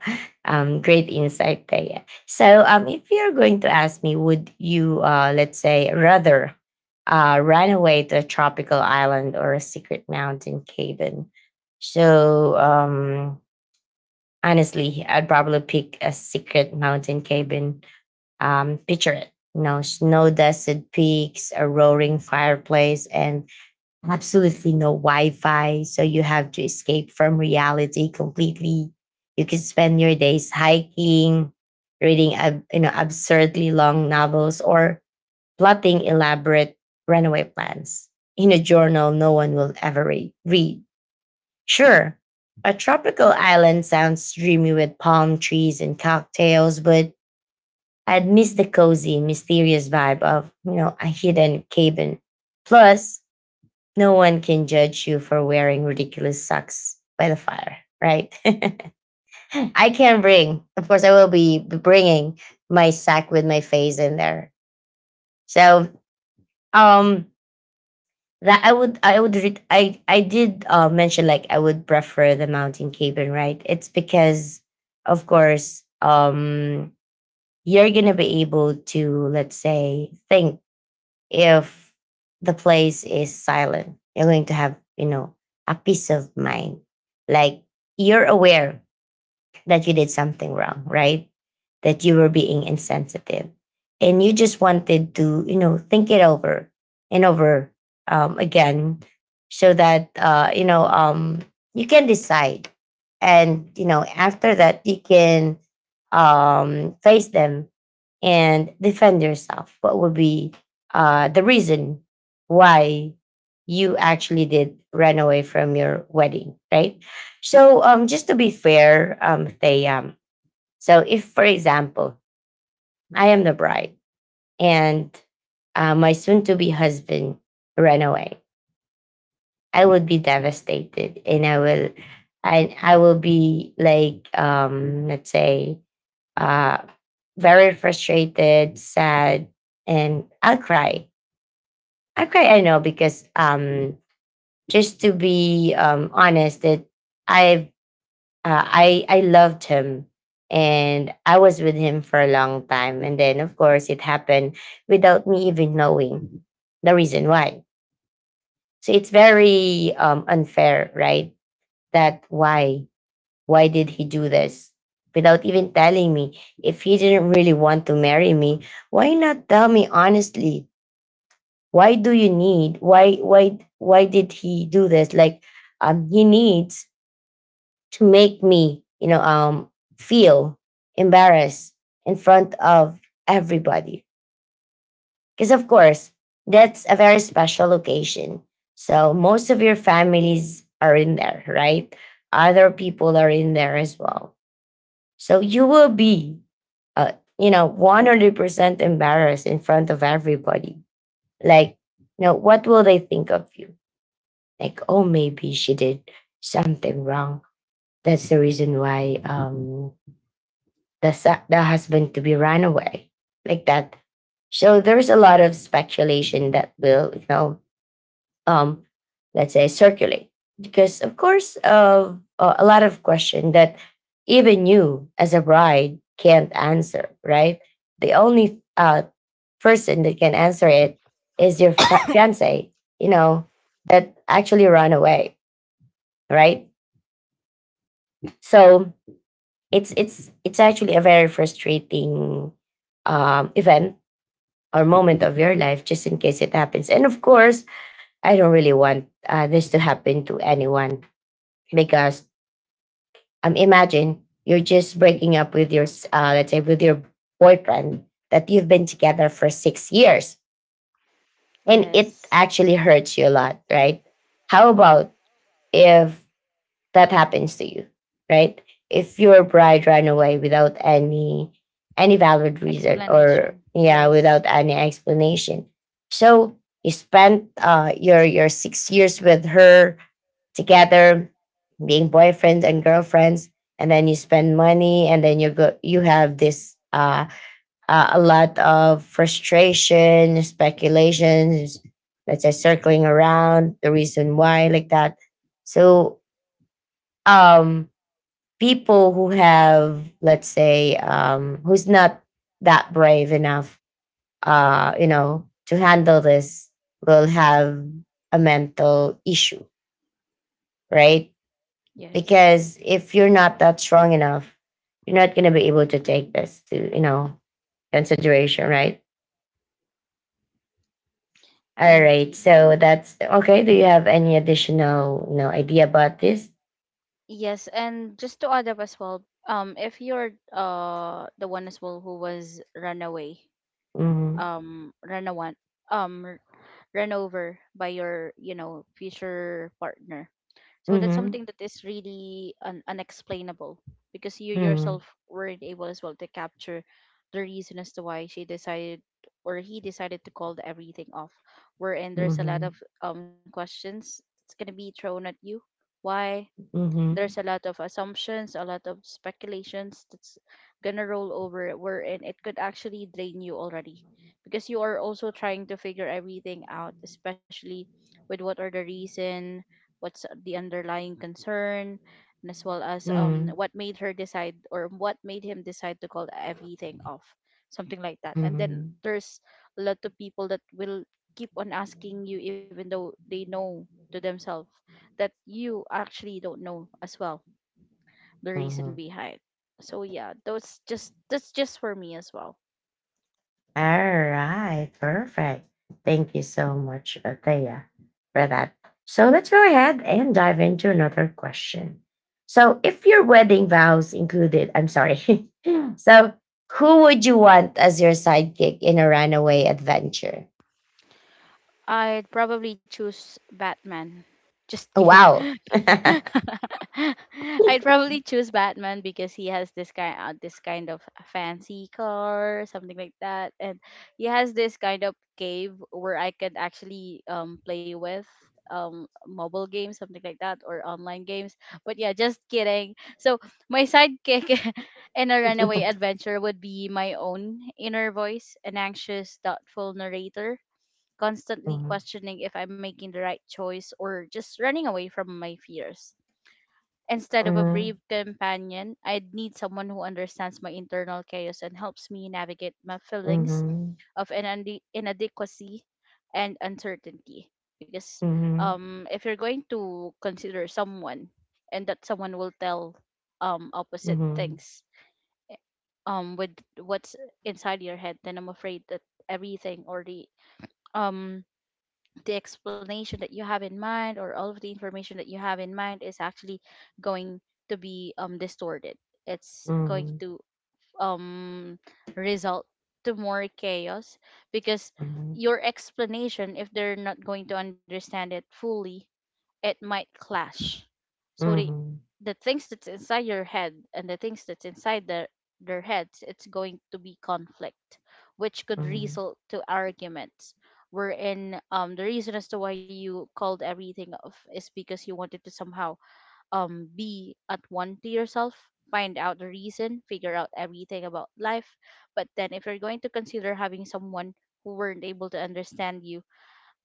Speaker 1: um, great insight, Taya. So, if you're going to ask me, would you, let's say, rather run away to a tropical island or a secret mountain cabin? So, honestly, I'd probably pick a secret mountain cabin. Picture it, you know, snow dusted peaks, a roaring fireplace, and absolutely no Wi-Fi, so you have to escape from reality completely. You can spend your days hiking, reading you know absurdly long novels, or plotting elaborate runaway plans in a journal no one will ever read. Sure, a tropical island sounds dreamy with palm trees and cocktails, but I'd miss the cozy, mysterious vibe of you know a hidden cabin. Plus, no one can judge you for wearing ridiculous socks by the fire, right? I can bring, of course, I will be bringing my sack with my face in there. So, um, I would, I did mention like I would prefer the mountain cabin, right? It's because, of course, you're gonna be able to, let's say, think if the place is silent you're going to have you know a peace of mind, like you're aware that you did something wrong, right? That you were being insensitive and you just wanted to you know think it over and over again, so that you can decide, and you know after that you can face them and defend yourself. What would be the reason why you actually did run away from your wedding, right? So, just to be fair, they, so if, for example, I am the bride and my soon to be husband ran away, I would be devastated and I will be like, let's say, uh, very frustrated, sad, and I'll cry. I'll cry, I know, because just to be honest, that i I loved him and I was with him for a long time. And then of course it happened without me even knowing the reason why. So it's very unfair, right? That why did he do this? Without even telling me, if he didn't really want to marry me, why not tell me honestly? Why do you need? Why did he do this? Like, he needs to make me, feel embarrassed in front of everybody. Because of course, that's a very special occasion. So most of your families are in there, right? Other people are in there as well. So you will be, uh, you know, 100% embarrassed in front of everybody. Like, you know, what will they think of you? Like, oh, maybe she did something wrong. That's the reason why the husband to be ran away like that. So there's a lot of speculation that will, um, let's say, circulate. Because, of course, a lot of question that even you as a bride can't answer, right? The only person that can answer it is your fiance, you know, that actually run away, right? So it's actually a very frustrating event or moment of your life, just in case it happens. And of course, I don't really want this to happen to anyone because imagine you're just breaking up with let's say, with your boyfriend that you've been together for 6 years and it
Speaker 2: Yes.
Speaker 1: actually hurts you a lot, right? How about if that happens to you, right? If your bride ran away without any any valid reason or
Speaker 2: Explanation.
Speaker 1: yeah,
Speaker 2: Yes.
Speaker 1: without any explanation. So you spent your 6 years with her together, being boyfriends and girlfriends, and then you spend money, and then you go, you have this a lot of frustration, speculations, let's say circling around the reason why, like that. So, um, people who have, let's say, who's not that brave enough, you know, to handle this will have a mental issue, right?
Speaker 2: Yes,
Speaker 1: Because if you're not that strong enough, you're not going to be able to take this to you know consideration, right? All right,
Speaker 2: indeed.
Speaker 1: so that's okay. Do you have any additional you know idea about this?
Speaker 2: Yes, and just to add up as well, if you're the one as well who was run away,
Speaker 1: Mm-hmm.
Speaker 2: um, run awan, um, r- run over by your, you know, future partner, so that's
Speaker 1: Mm-hmm.
Speaker 2: something that is really unexplainable, because you
Speaker 1: Mm-hmm.
Speaker 2: yourself weren't able as well to capture the reason as to why she decided or he decided to call the everything off. Wherein there's a
Speaker 1: Mm-hmm.
Speaker 2: lot of questions that's gonna be thrown at you. Why?
Speaker 1: Mm-hmm.
Speaker 2: There's a lot of assumptions, a lot of speculations that's gonna roll over where, and it could actually drain you already, because you are also trying to figure everything out, especially with what are the reason, what's the underlying concern, and as well as
Speaker 1: Mm-hmm.
Speaker 2: what made her decide or what made him decide to call everything off, something like that. And then
Speaker 1: Mm-hmm.
Speaker 2: there's a lot of people that will keep on asking you even though they know to themselves that you actually don't know as well the reason
Speaker 1: Mm-hmm.
Speaker 2: behind. So yeah, those just that's just for me as well.
Speaker 1: All right, perfect. Thank you so much, Athea, for that. So let's go ahead and dive into another question. So, if your wedding vows included, I'm sorry. So, who would you want as your sidekick in a runaway adventure?
Speaker 2: I'd probably choose Batman. Just
Speaker 1: Oh,
Speaker 2: kidding.
Speaker 1: wow.
Speaker 2: I'd probably choose Batman because he has this kind of fancy car, something like that, and he has this kind of cave where I could actually play with mobile games, something like that, or online games. But yeah, just kidding. So my sidekick in a runaway adventure would be my own inner voice, an anxious, thoughtful narrator constantly questioning if I'm making the right choice or just running away from my fears. Instead of a
Speaker 1: Mhm,
Speaker 2: brave companion, I'd need someone who understands my internal chaos and helps me navigate my feelings
Speaker 1: mhm,
Speaker 2: of inadequacy and uncertainty. Because
Speaker 1: mhm,
Speaker 2: if you're going to consider someone and that someone will tell opposite things, eh, with what's inside your head, then I'm afraid that everything or um, the explanation that you have in mind or all of the information that you have in mind is actually going to be distorted. It's going
Speaker 1: mhm,
Speaker 2: to um result to more chaos, because
Speaker 1: mhm,
Speaker 2: your explanation, if they're not going to understand it fully, it might clash. So
Speaker 1: mhm, mhm,
Speaker 2: the things that's inside your head and the things that's inside their heads, it's going to be conflict, which could
Speaker 1: mhm, mhm,
Speaker 2: result to arguments. Wherein the reason as to why you called everything off is because you wanted to somehow be at one to yourself, find out the reason, figure out everything about life. But then if you're going to consider having someone who weren't able to understand you,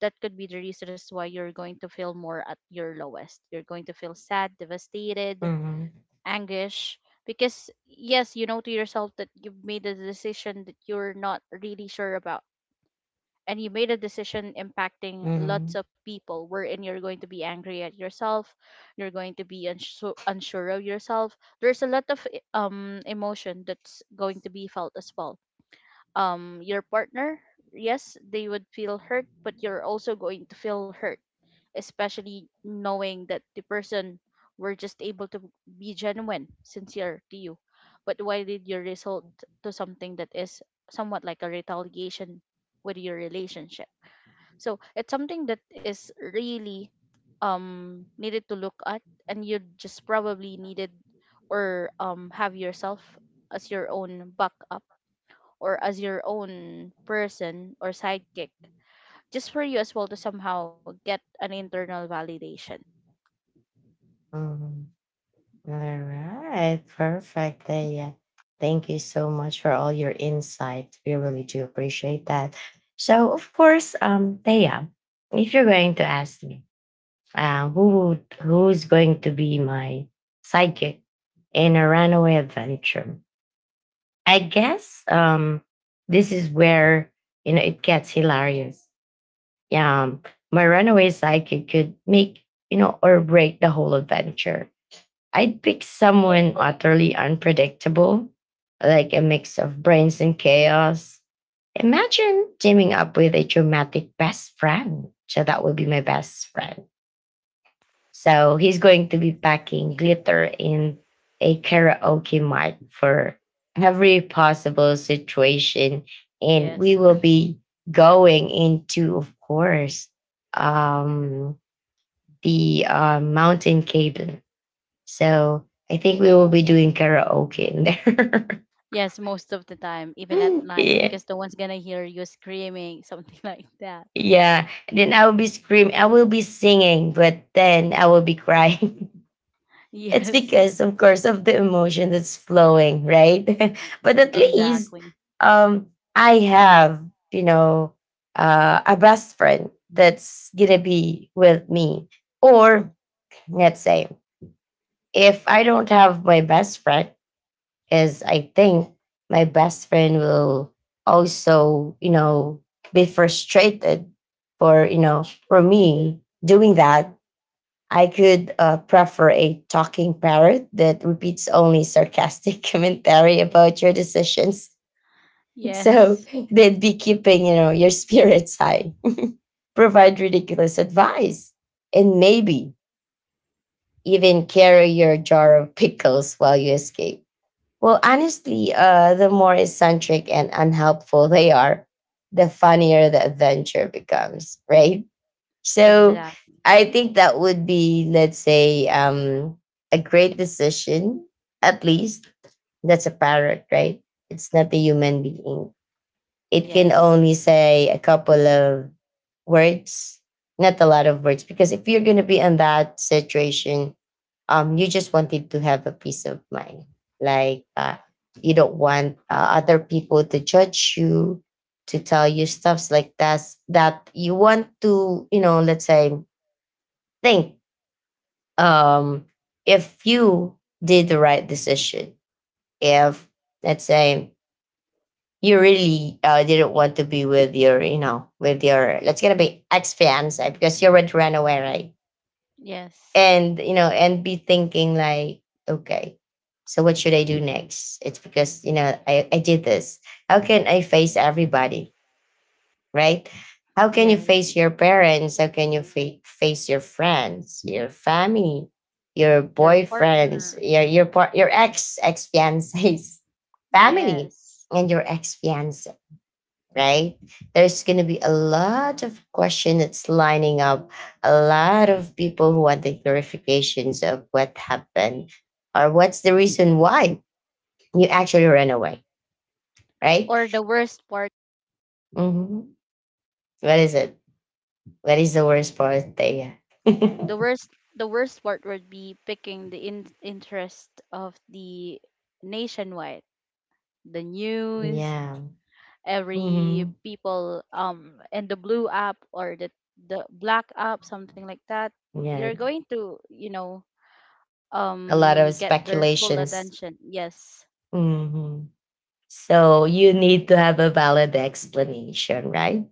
Speaker 2: that could be the reasons why you're going to feel more at your lowest. You're going to feel sad, devastated,
Speaker 1: mhm,
Speaker 2: anguish. Because, yes, you know to yourself that you've made a decision that you're not really sure about. And you made a decision impacting lots
Speaker 1: mhm,
Speaker 2: of people, wherein you're going to be angry at yourself. You're going to be unsure, unsure of yourself. There's a lot of emotion that's going to be felt as well. Your partner, yes, they would feel hurt, but you're also going to feel hurt especially knowing that the person were just able to be genuine, sincere to you. But why did you result to something that is somewhat like a retaliation with your relationship? So it's something that is really needed to look at, and you just probably needed or have yourself as your own backup or as your own person or sidekick just for you as well to somehow get an internal validation.
Speaker 1: mhm. All right, perfect. Yeah. Thank you so much for all your insight. We really do appreciate that. So, of course, Thea, if you're going to ask me, who would, who's going to be my sidekick in a runaway adventure? I guess this is where you know it gets hilarious. Yeah, my runaway sidekick could make you know or break the whole adventure. I'd pick someone utterly unpredictable, like a mix of brains and chaos. Imagine teaming up with a dramatic best friend. So that would be my best friend. So he's going to be packing glitter in a karaoke mic for every possible situation. And
Speaker 2: Yes.
Speaker 1: we will be going into, of course, um, the mountain cave, so I think we will be doing karaoke in there.
Speaker 2: Yes, most of the time, even at night,
Speaker 1: Yeah.
Speaker 2: because no one's gonna hear you screaming, something like that.
Speaker 1: Yeah. Then I will be screaming. I will be singing, but then I will be crying. It's
Speaker 2: Yes,
Speaker 1: because, of course, of the emotion that's flowing, right? But at least
Speaker 2: exactly.
Speaker 1: um, I have, you know, a best friend that's gonna be with me. Or let's say, if I don't have my best friend, because I think my best friend will also, you know, be frustrated for, you know, for me doing that. I could prefer a talking parrot that repeats only sarcastic commentary about your decisions. So
Speaker 2: Yes,
Speaker 1: they'd be keeping, you know, your spirits high, provide ridiculous advice, and maybe even carry your jar of pickles while you escape. Well, honestly, the more eccentric and unhelpful they are, the funnier the adventure becomes, right? So
Speaker 2: exactly.
Speaker 1: I think that would be, let's say, a great decision, at least. That's a parrot, right? It's not a human being. It can
Speaker 2: Yes,
Speaker 1: only say a couple of words, not a lot of words, because if you're going to be in that situation, you just wanted to have a peace of mind, like you don't want other people to judge you, to tell you stuffs like that, that you want to you know let's say think um if you did the right decision, if let's say you really didn't want to be with your you know with your let's get a bit ex fiance, because you already ran away, right?
Speaker 2: yes,
Speaker 1: And you know and be thinking like, okay, so what should I do next? It's because you know I did this. How can I face everybody, right? How can you face
Speaker 2: yes.
Speaker 1: your parents? How can you face your friends, your family, your
Speaker 2: Your partner.
Speaker 1: boyfriends, your ex fiance's family,
Speaker 2: Yes.
Speaker 1: and your ex fiance, right? There's going to be a lot of question that's lining up, a lot of people who want the clarifications of what happened or what's the reason why you actually ran away, right?
Speaker 2: Or the worst part.
Speaker 1: Mhm. What is it? What is the worst part there?
Speaker 2: The worst the worst part would be picking the interest of the nationwide, the news,
Speaker 1: Yeah.
Speaker 2: every
Speaker 1: Hmm.
Speaker 2: people and the blue app or the black app, something like that. You're
Speaker 1: Yeah.
Speaker 2: going to, you know,
Speaker 1: A lot of
Speaker 2: get their full
Speaker 1: speculations.
Speaker 2: attention. Yes.
Speaker 1: Hmm. So you need to have a valid explanation, right?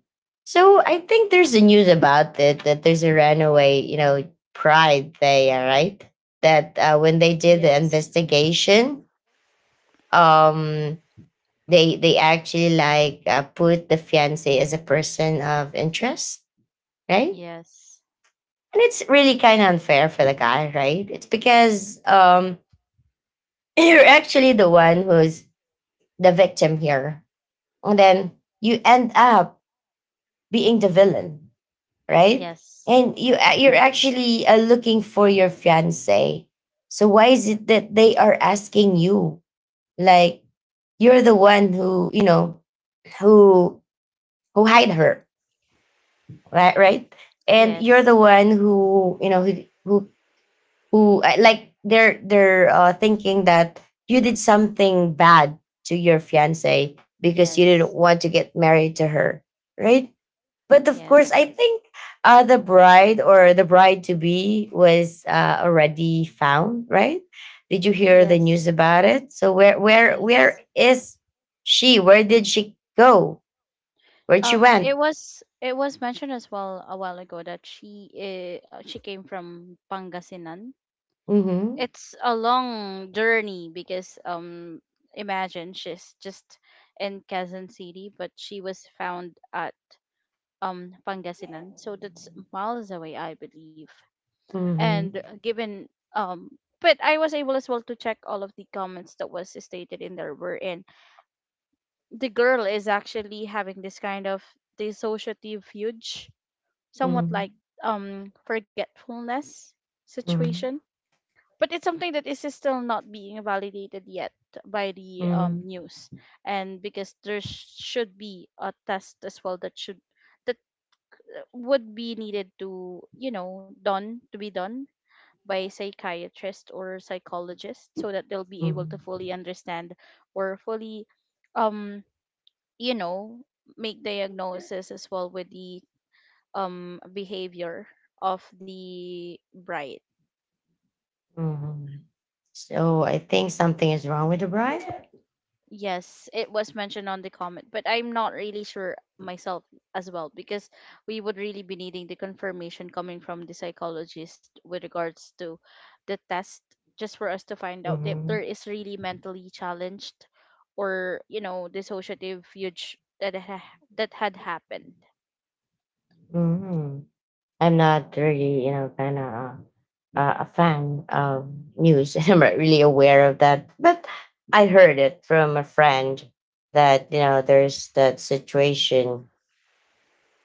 Speaker 1: So I think there's a news about it that there's a runaway, you know, pride there, right? That when they did the
Speaker 2: Yes.
Speaker 1: investigation, um, they actually like put the fiance as a person of interest, right?
Speaker 2: Yes.
Speaker 1: And it's really kind of unfair for the guy, right? It's because you're actually the one who's the victim here, and then you end up being the villain, right?
Speaker 2: Yes.
Speaker 1: And you're actually looking for your fiance. So why is it that they are asking you? Like you're the one who who who hide her, right? Right? And you're the
Speaker 2: Yes.
Speaker 1: one who who like they're thinking that you did something bad to your fiance because you didn't
Speaker 2: Yes.
Speaker 1: want to get married to her, right? But of course, I
Speaker 2: Yes.
Speaker 1: think the bride or the bride to be was already found, right? Did you hear the news
Speaker 2: Yes.
Speaker 1: about it? So where where
Speaker 2: Yes.
Speaker 1: where is she? Where did she go? Where she
Speaker 2: Um,
Speaker 1: went?
Speaker 2: it was it was mentioned as well a while ago that she came from Pangasinan.
Speaker 1: Mm-hmm.
Speaker 2: It's a long journey because imagine she's just in Quezon City, but she was found at Pangasinan, so that's miles away, I believe.
Speaker 1: Mm-hmm.
Speaker 2: And given um, but I was able as well to check all of the comments that was stated in there. Were in the girl is actually having this kind of dissociative huge, somewhat like
Speaker 1: Mm-hmm.
Speaker 2: forgetfulness situation, but it's something that is still not being validated yet by the
Speaker 1: Mm-hmm.
Speaker 2: news, and because should be a test as well that should that would be needed to, you know, done to be done by psychiatrist or psychologist so that they'll be able to
Speaker 1: Mm-hmm.
Speaker 2: fully understand or fully um you know make diagnosis as well with the behavior of the bride.
Speaker 1: hmm So I think something is wrong with the bride.
Speaker 2: Yes, it was mentioned on the comment, but I'm not really sure myself as well because we would really be needing the confirmation coming from the psychologist with regards to the test just for us to find out if
Speaker 1: Mm-hmm.
Speaker 2: there is really mentally challenged or, you know, dissociative huge that had happened.
Speaker 1: Mm-hmm. I'm not really, you know, kind of a fan of news. I'm not really aware of that, but I heard it from a friend that you know there's that situation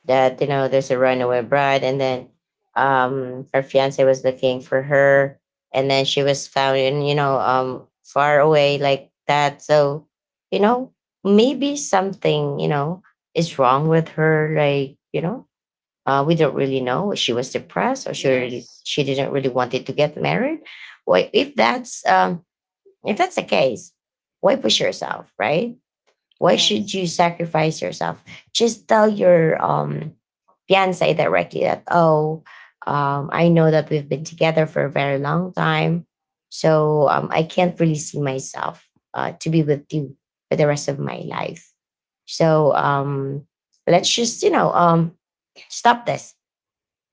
Speaker 1: that you know there's a runaway bride, and then her fiance was looking for her, and then she was found in you know far away like that. So you know maybe something you know is wrong with her, like you know we don't really know if she was depressed or
Speaker 2: Yes.
Speaker 1: she didn't really wanted to get married. Why, if that's the case, why push yourself, right? Why should
Speaker 2: Yes.
Speaker 1: you sacrifice yourself? Just tell your fiance directly that, oh, I know that we've been together for a very long time, so I can't really see myself to be with you for the rest of my life. So let's just, you know, stop this,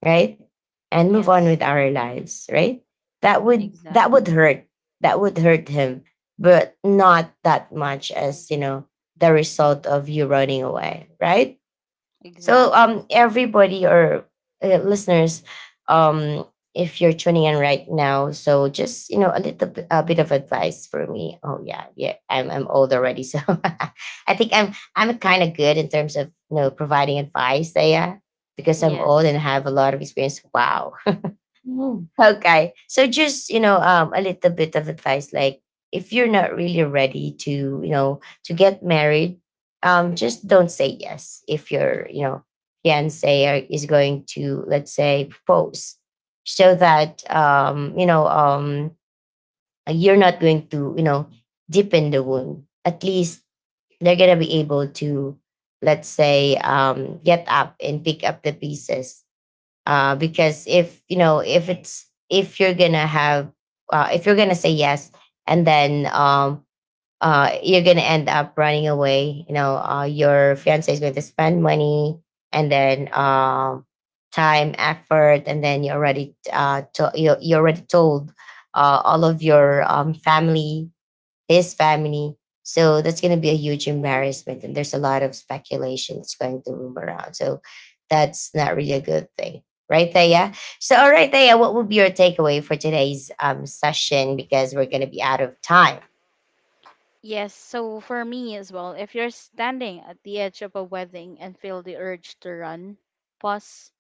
Speaker 1: right? And move on with
Speaker 2: Yes.
Speaker 1: our lives, right? That would
Speaker 2: Exactly.
Speaker 1: hurt. That would hurt him, but not that much as, you know, the result of you running away, right? So
Speaker 2: Exactly.
Speaker 1: everybody or listeners, um if you're tuning in right now, so just you know a bit of advice for me. Oh, yeah, yeah, I'm old already, so I think I'm kind of good in terms of you know providing advice there because I'm old and
Speaker 2: Yes.
Speaker 1: have a lot of experience. Wow. Mm. Okay. So just, you know, a little bit of advice. Like if you're not really ready to, you know, to get married, just don't say yes. If your, you know, is going to, let's say, propose so that, you know, you're not going to, you know, deepen the wound. At least they're going to be able to, let's say, get up and pick up the pieces because if you know if it's if you're gonna have if you're gonna say yes and then you're gonna end up running away, you know, your fiance is going to spend money and then time, effort, and then you already told all of your family, his family. So that's going to be a huge embarrassment. And there's a lot of speculation that's going to roam around. So that's not really a good thing. Right, Thea? So, all right, Thea, what would be your takeaway for today's session? Because we're going to be out of time.
Speaker 2: Yes, so for me as well, if you're standing at the edge of a wedding and feel the urge to run, pause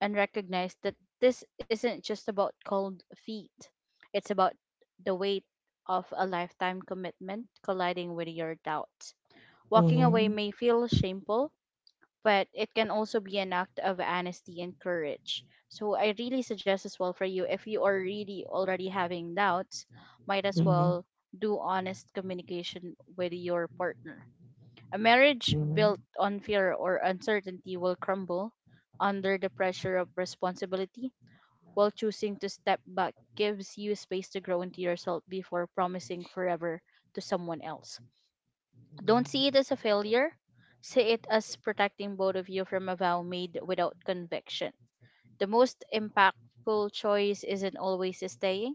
Speaker 2: and recognize that this isn't just about cold feet. It's about the weight of a lifetime commitment colliding with your doubts. Walking away
Speaker 1: Mhm,
Speaker 2: may feel shameful, but it can also be an act of honesty and courage. So I really suggest as well, for you, if you are really already having doubts, might as
Speaker 1: mhm,
Speaker 2: well do honest communication with your partner. A marriage built
Speaker 1: mhm.
Speaker 2: on fear or uncertainty will crumble under the pressure of responsibility, while choosing to step back gives you space to grow into yourself before promising forever to someone else. Don't see it as a failure. See it as protecting both of you from a vow made without conviction. The most impactful choice isn't always staying.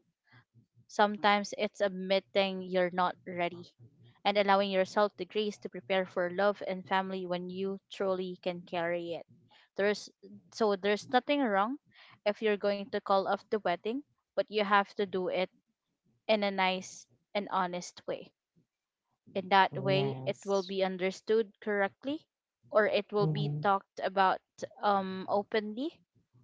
Speaker 2: Sometimes it's admitting you're not ready and allowing yourself the grace to prepare for love and family when you truly can carry it. There's there's nothing wrong if you're going to call off the wedding, but you have to do it in a nice and honest way. In that way, it will
Speaker 1: Yes.
Speaker 2: be understood correctly or it will be
Speaker 1: Mhm,
Speaker 2: talked about, openly,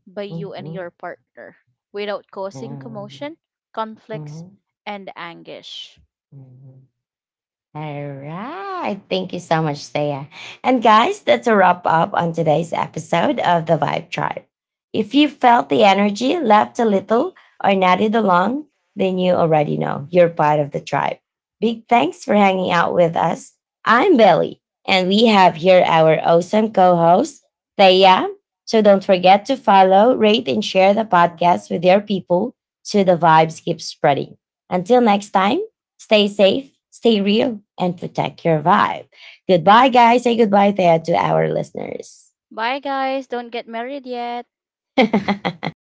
Speaker 2: by you and
Speaker 1: mhm,
Speaker 2: your partner without causing
Speaker 1: yeah,
Speaker 2: commotion, conflicts,
Speaker 1: mhm,
Speaker 2: and anguish.
Speaker 1: mhm. All right. Thank you so much, Thea. And guys, that's a wrap up on today's episode of The Vibe Tribe. If you felt the energy, laughed a little, or nodded along, then you already know you're part of the tribe. Big thanks for hanging out with us. I'm Belly, and we have here our awesome co host, Thea. So don't forget to follow, rate, and share the podcast with your people so the vibes keep spreading. Until next time, stay safe, stay real, and protect your vibe. Goodbye, guys. Say goodbye there to our listeners.
Speaker 2: Bye, guys. Don't get married yet.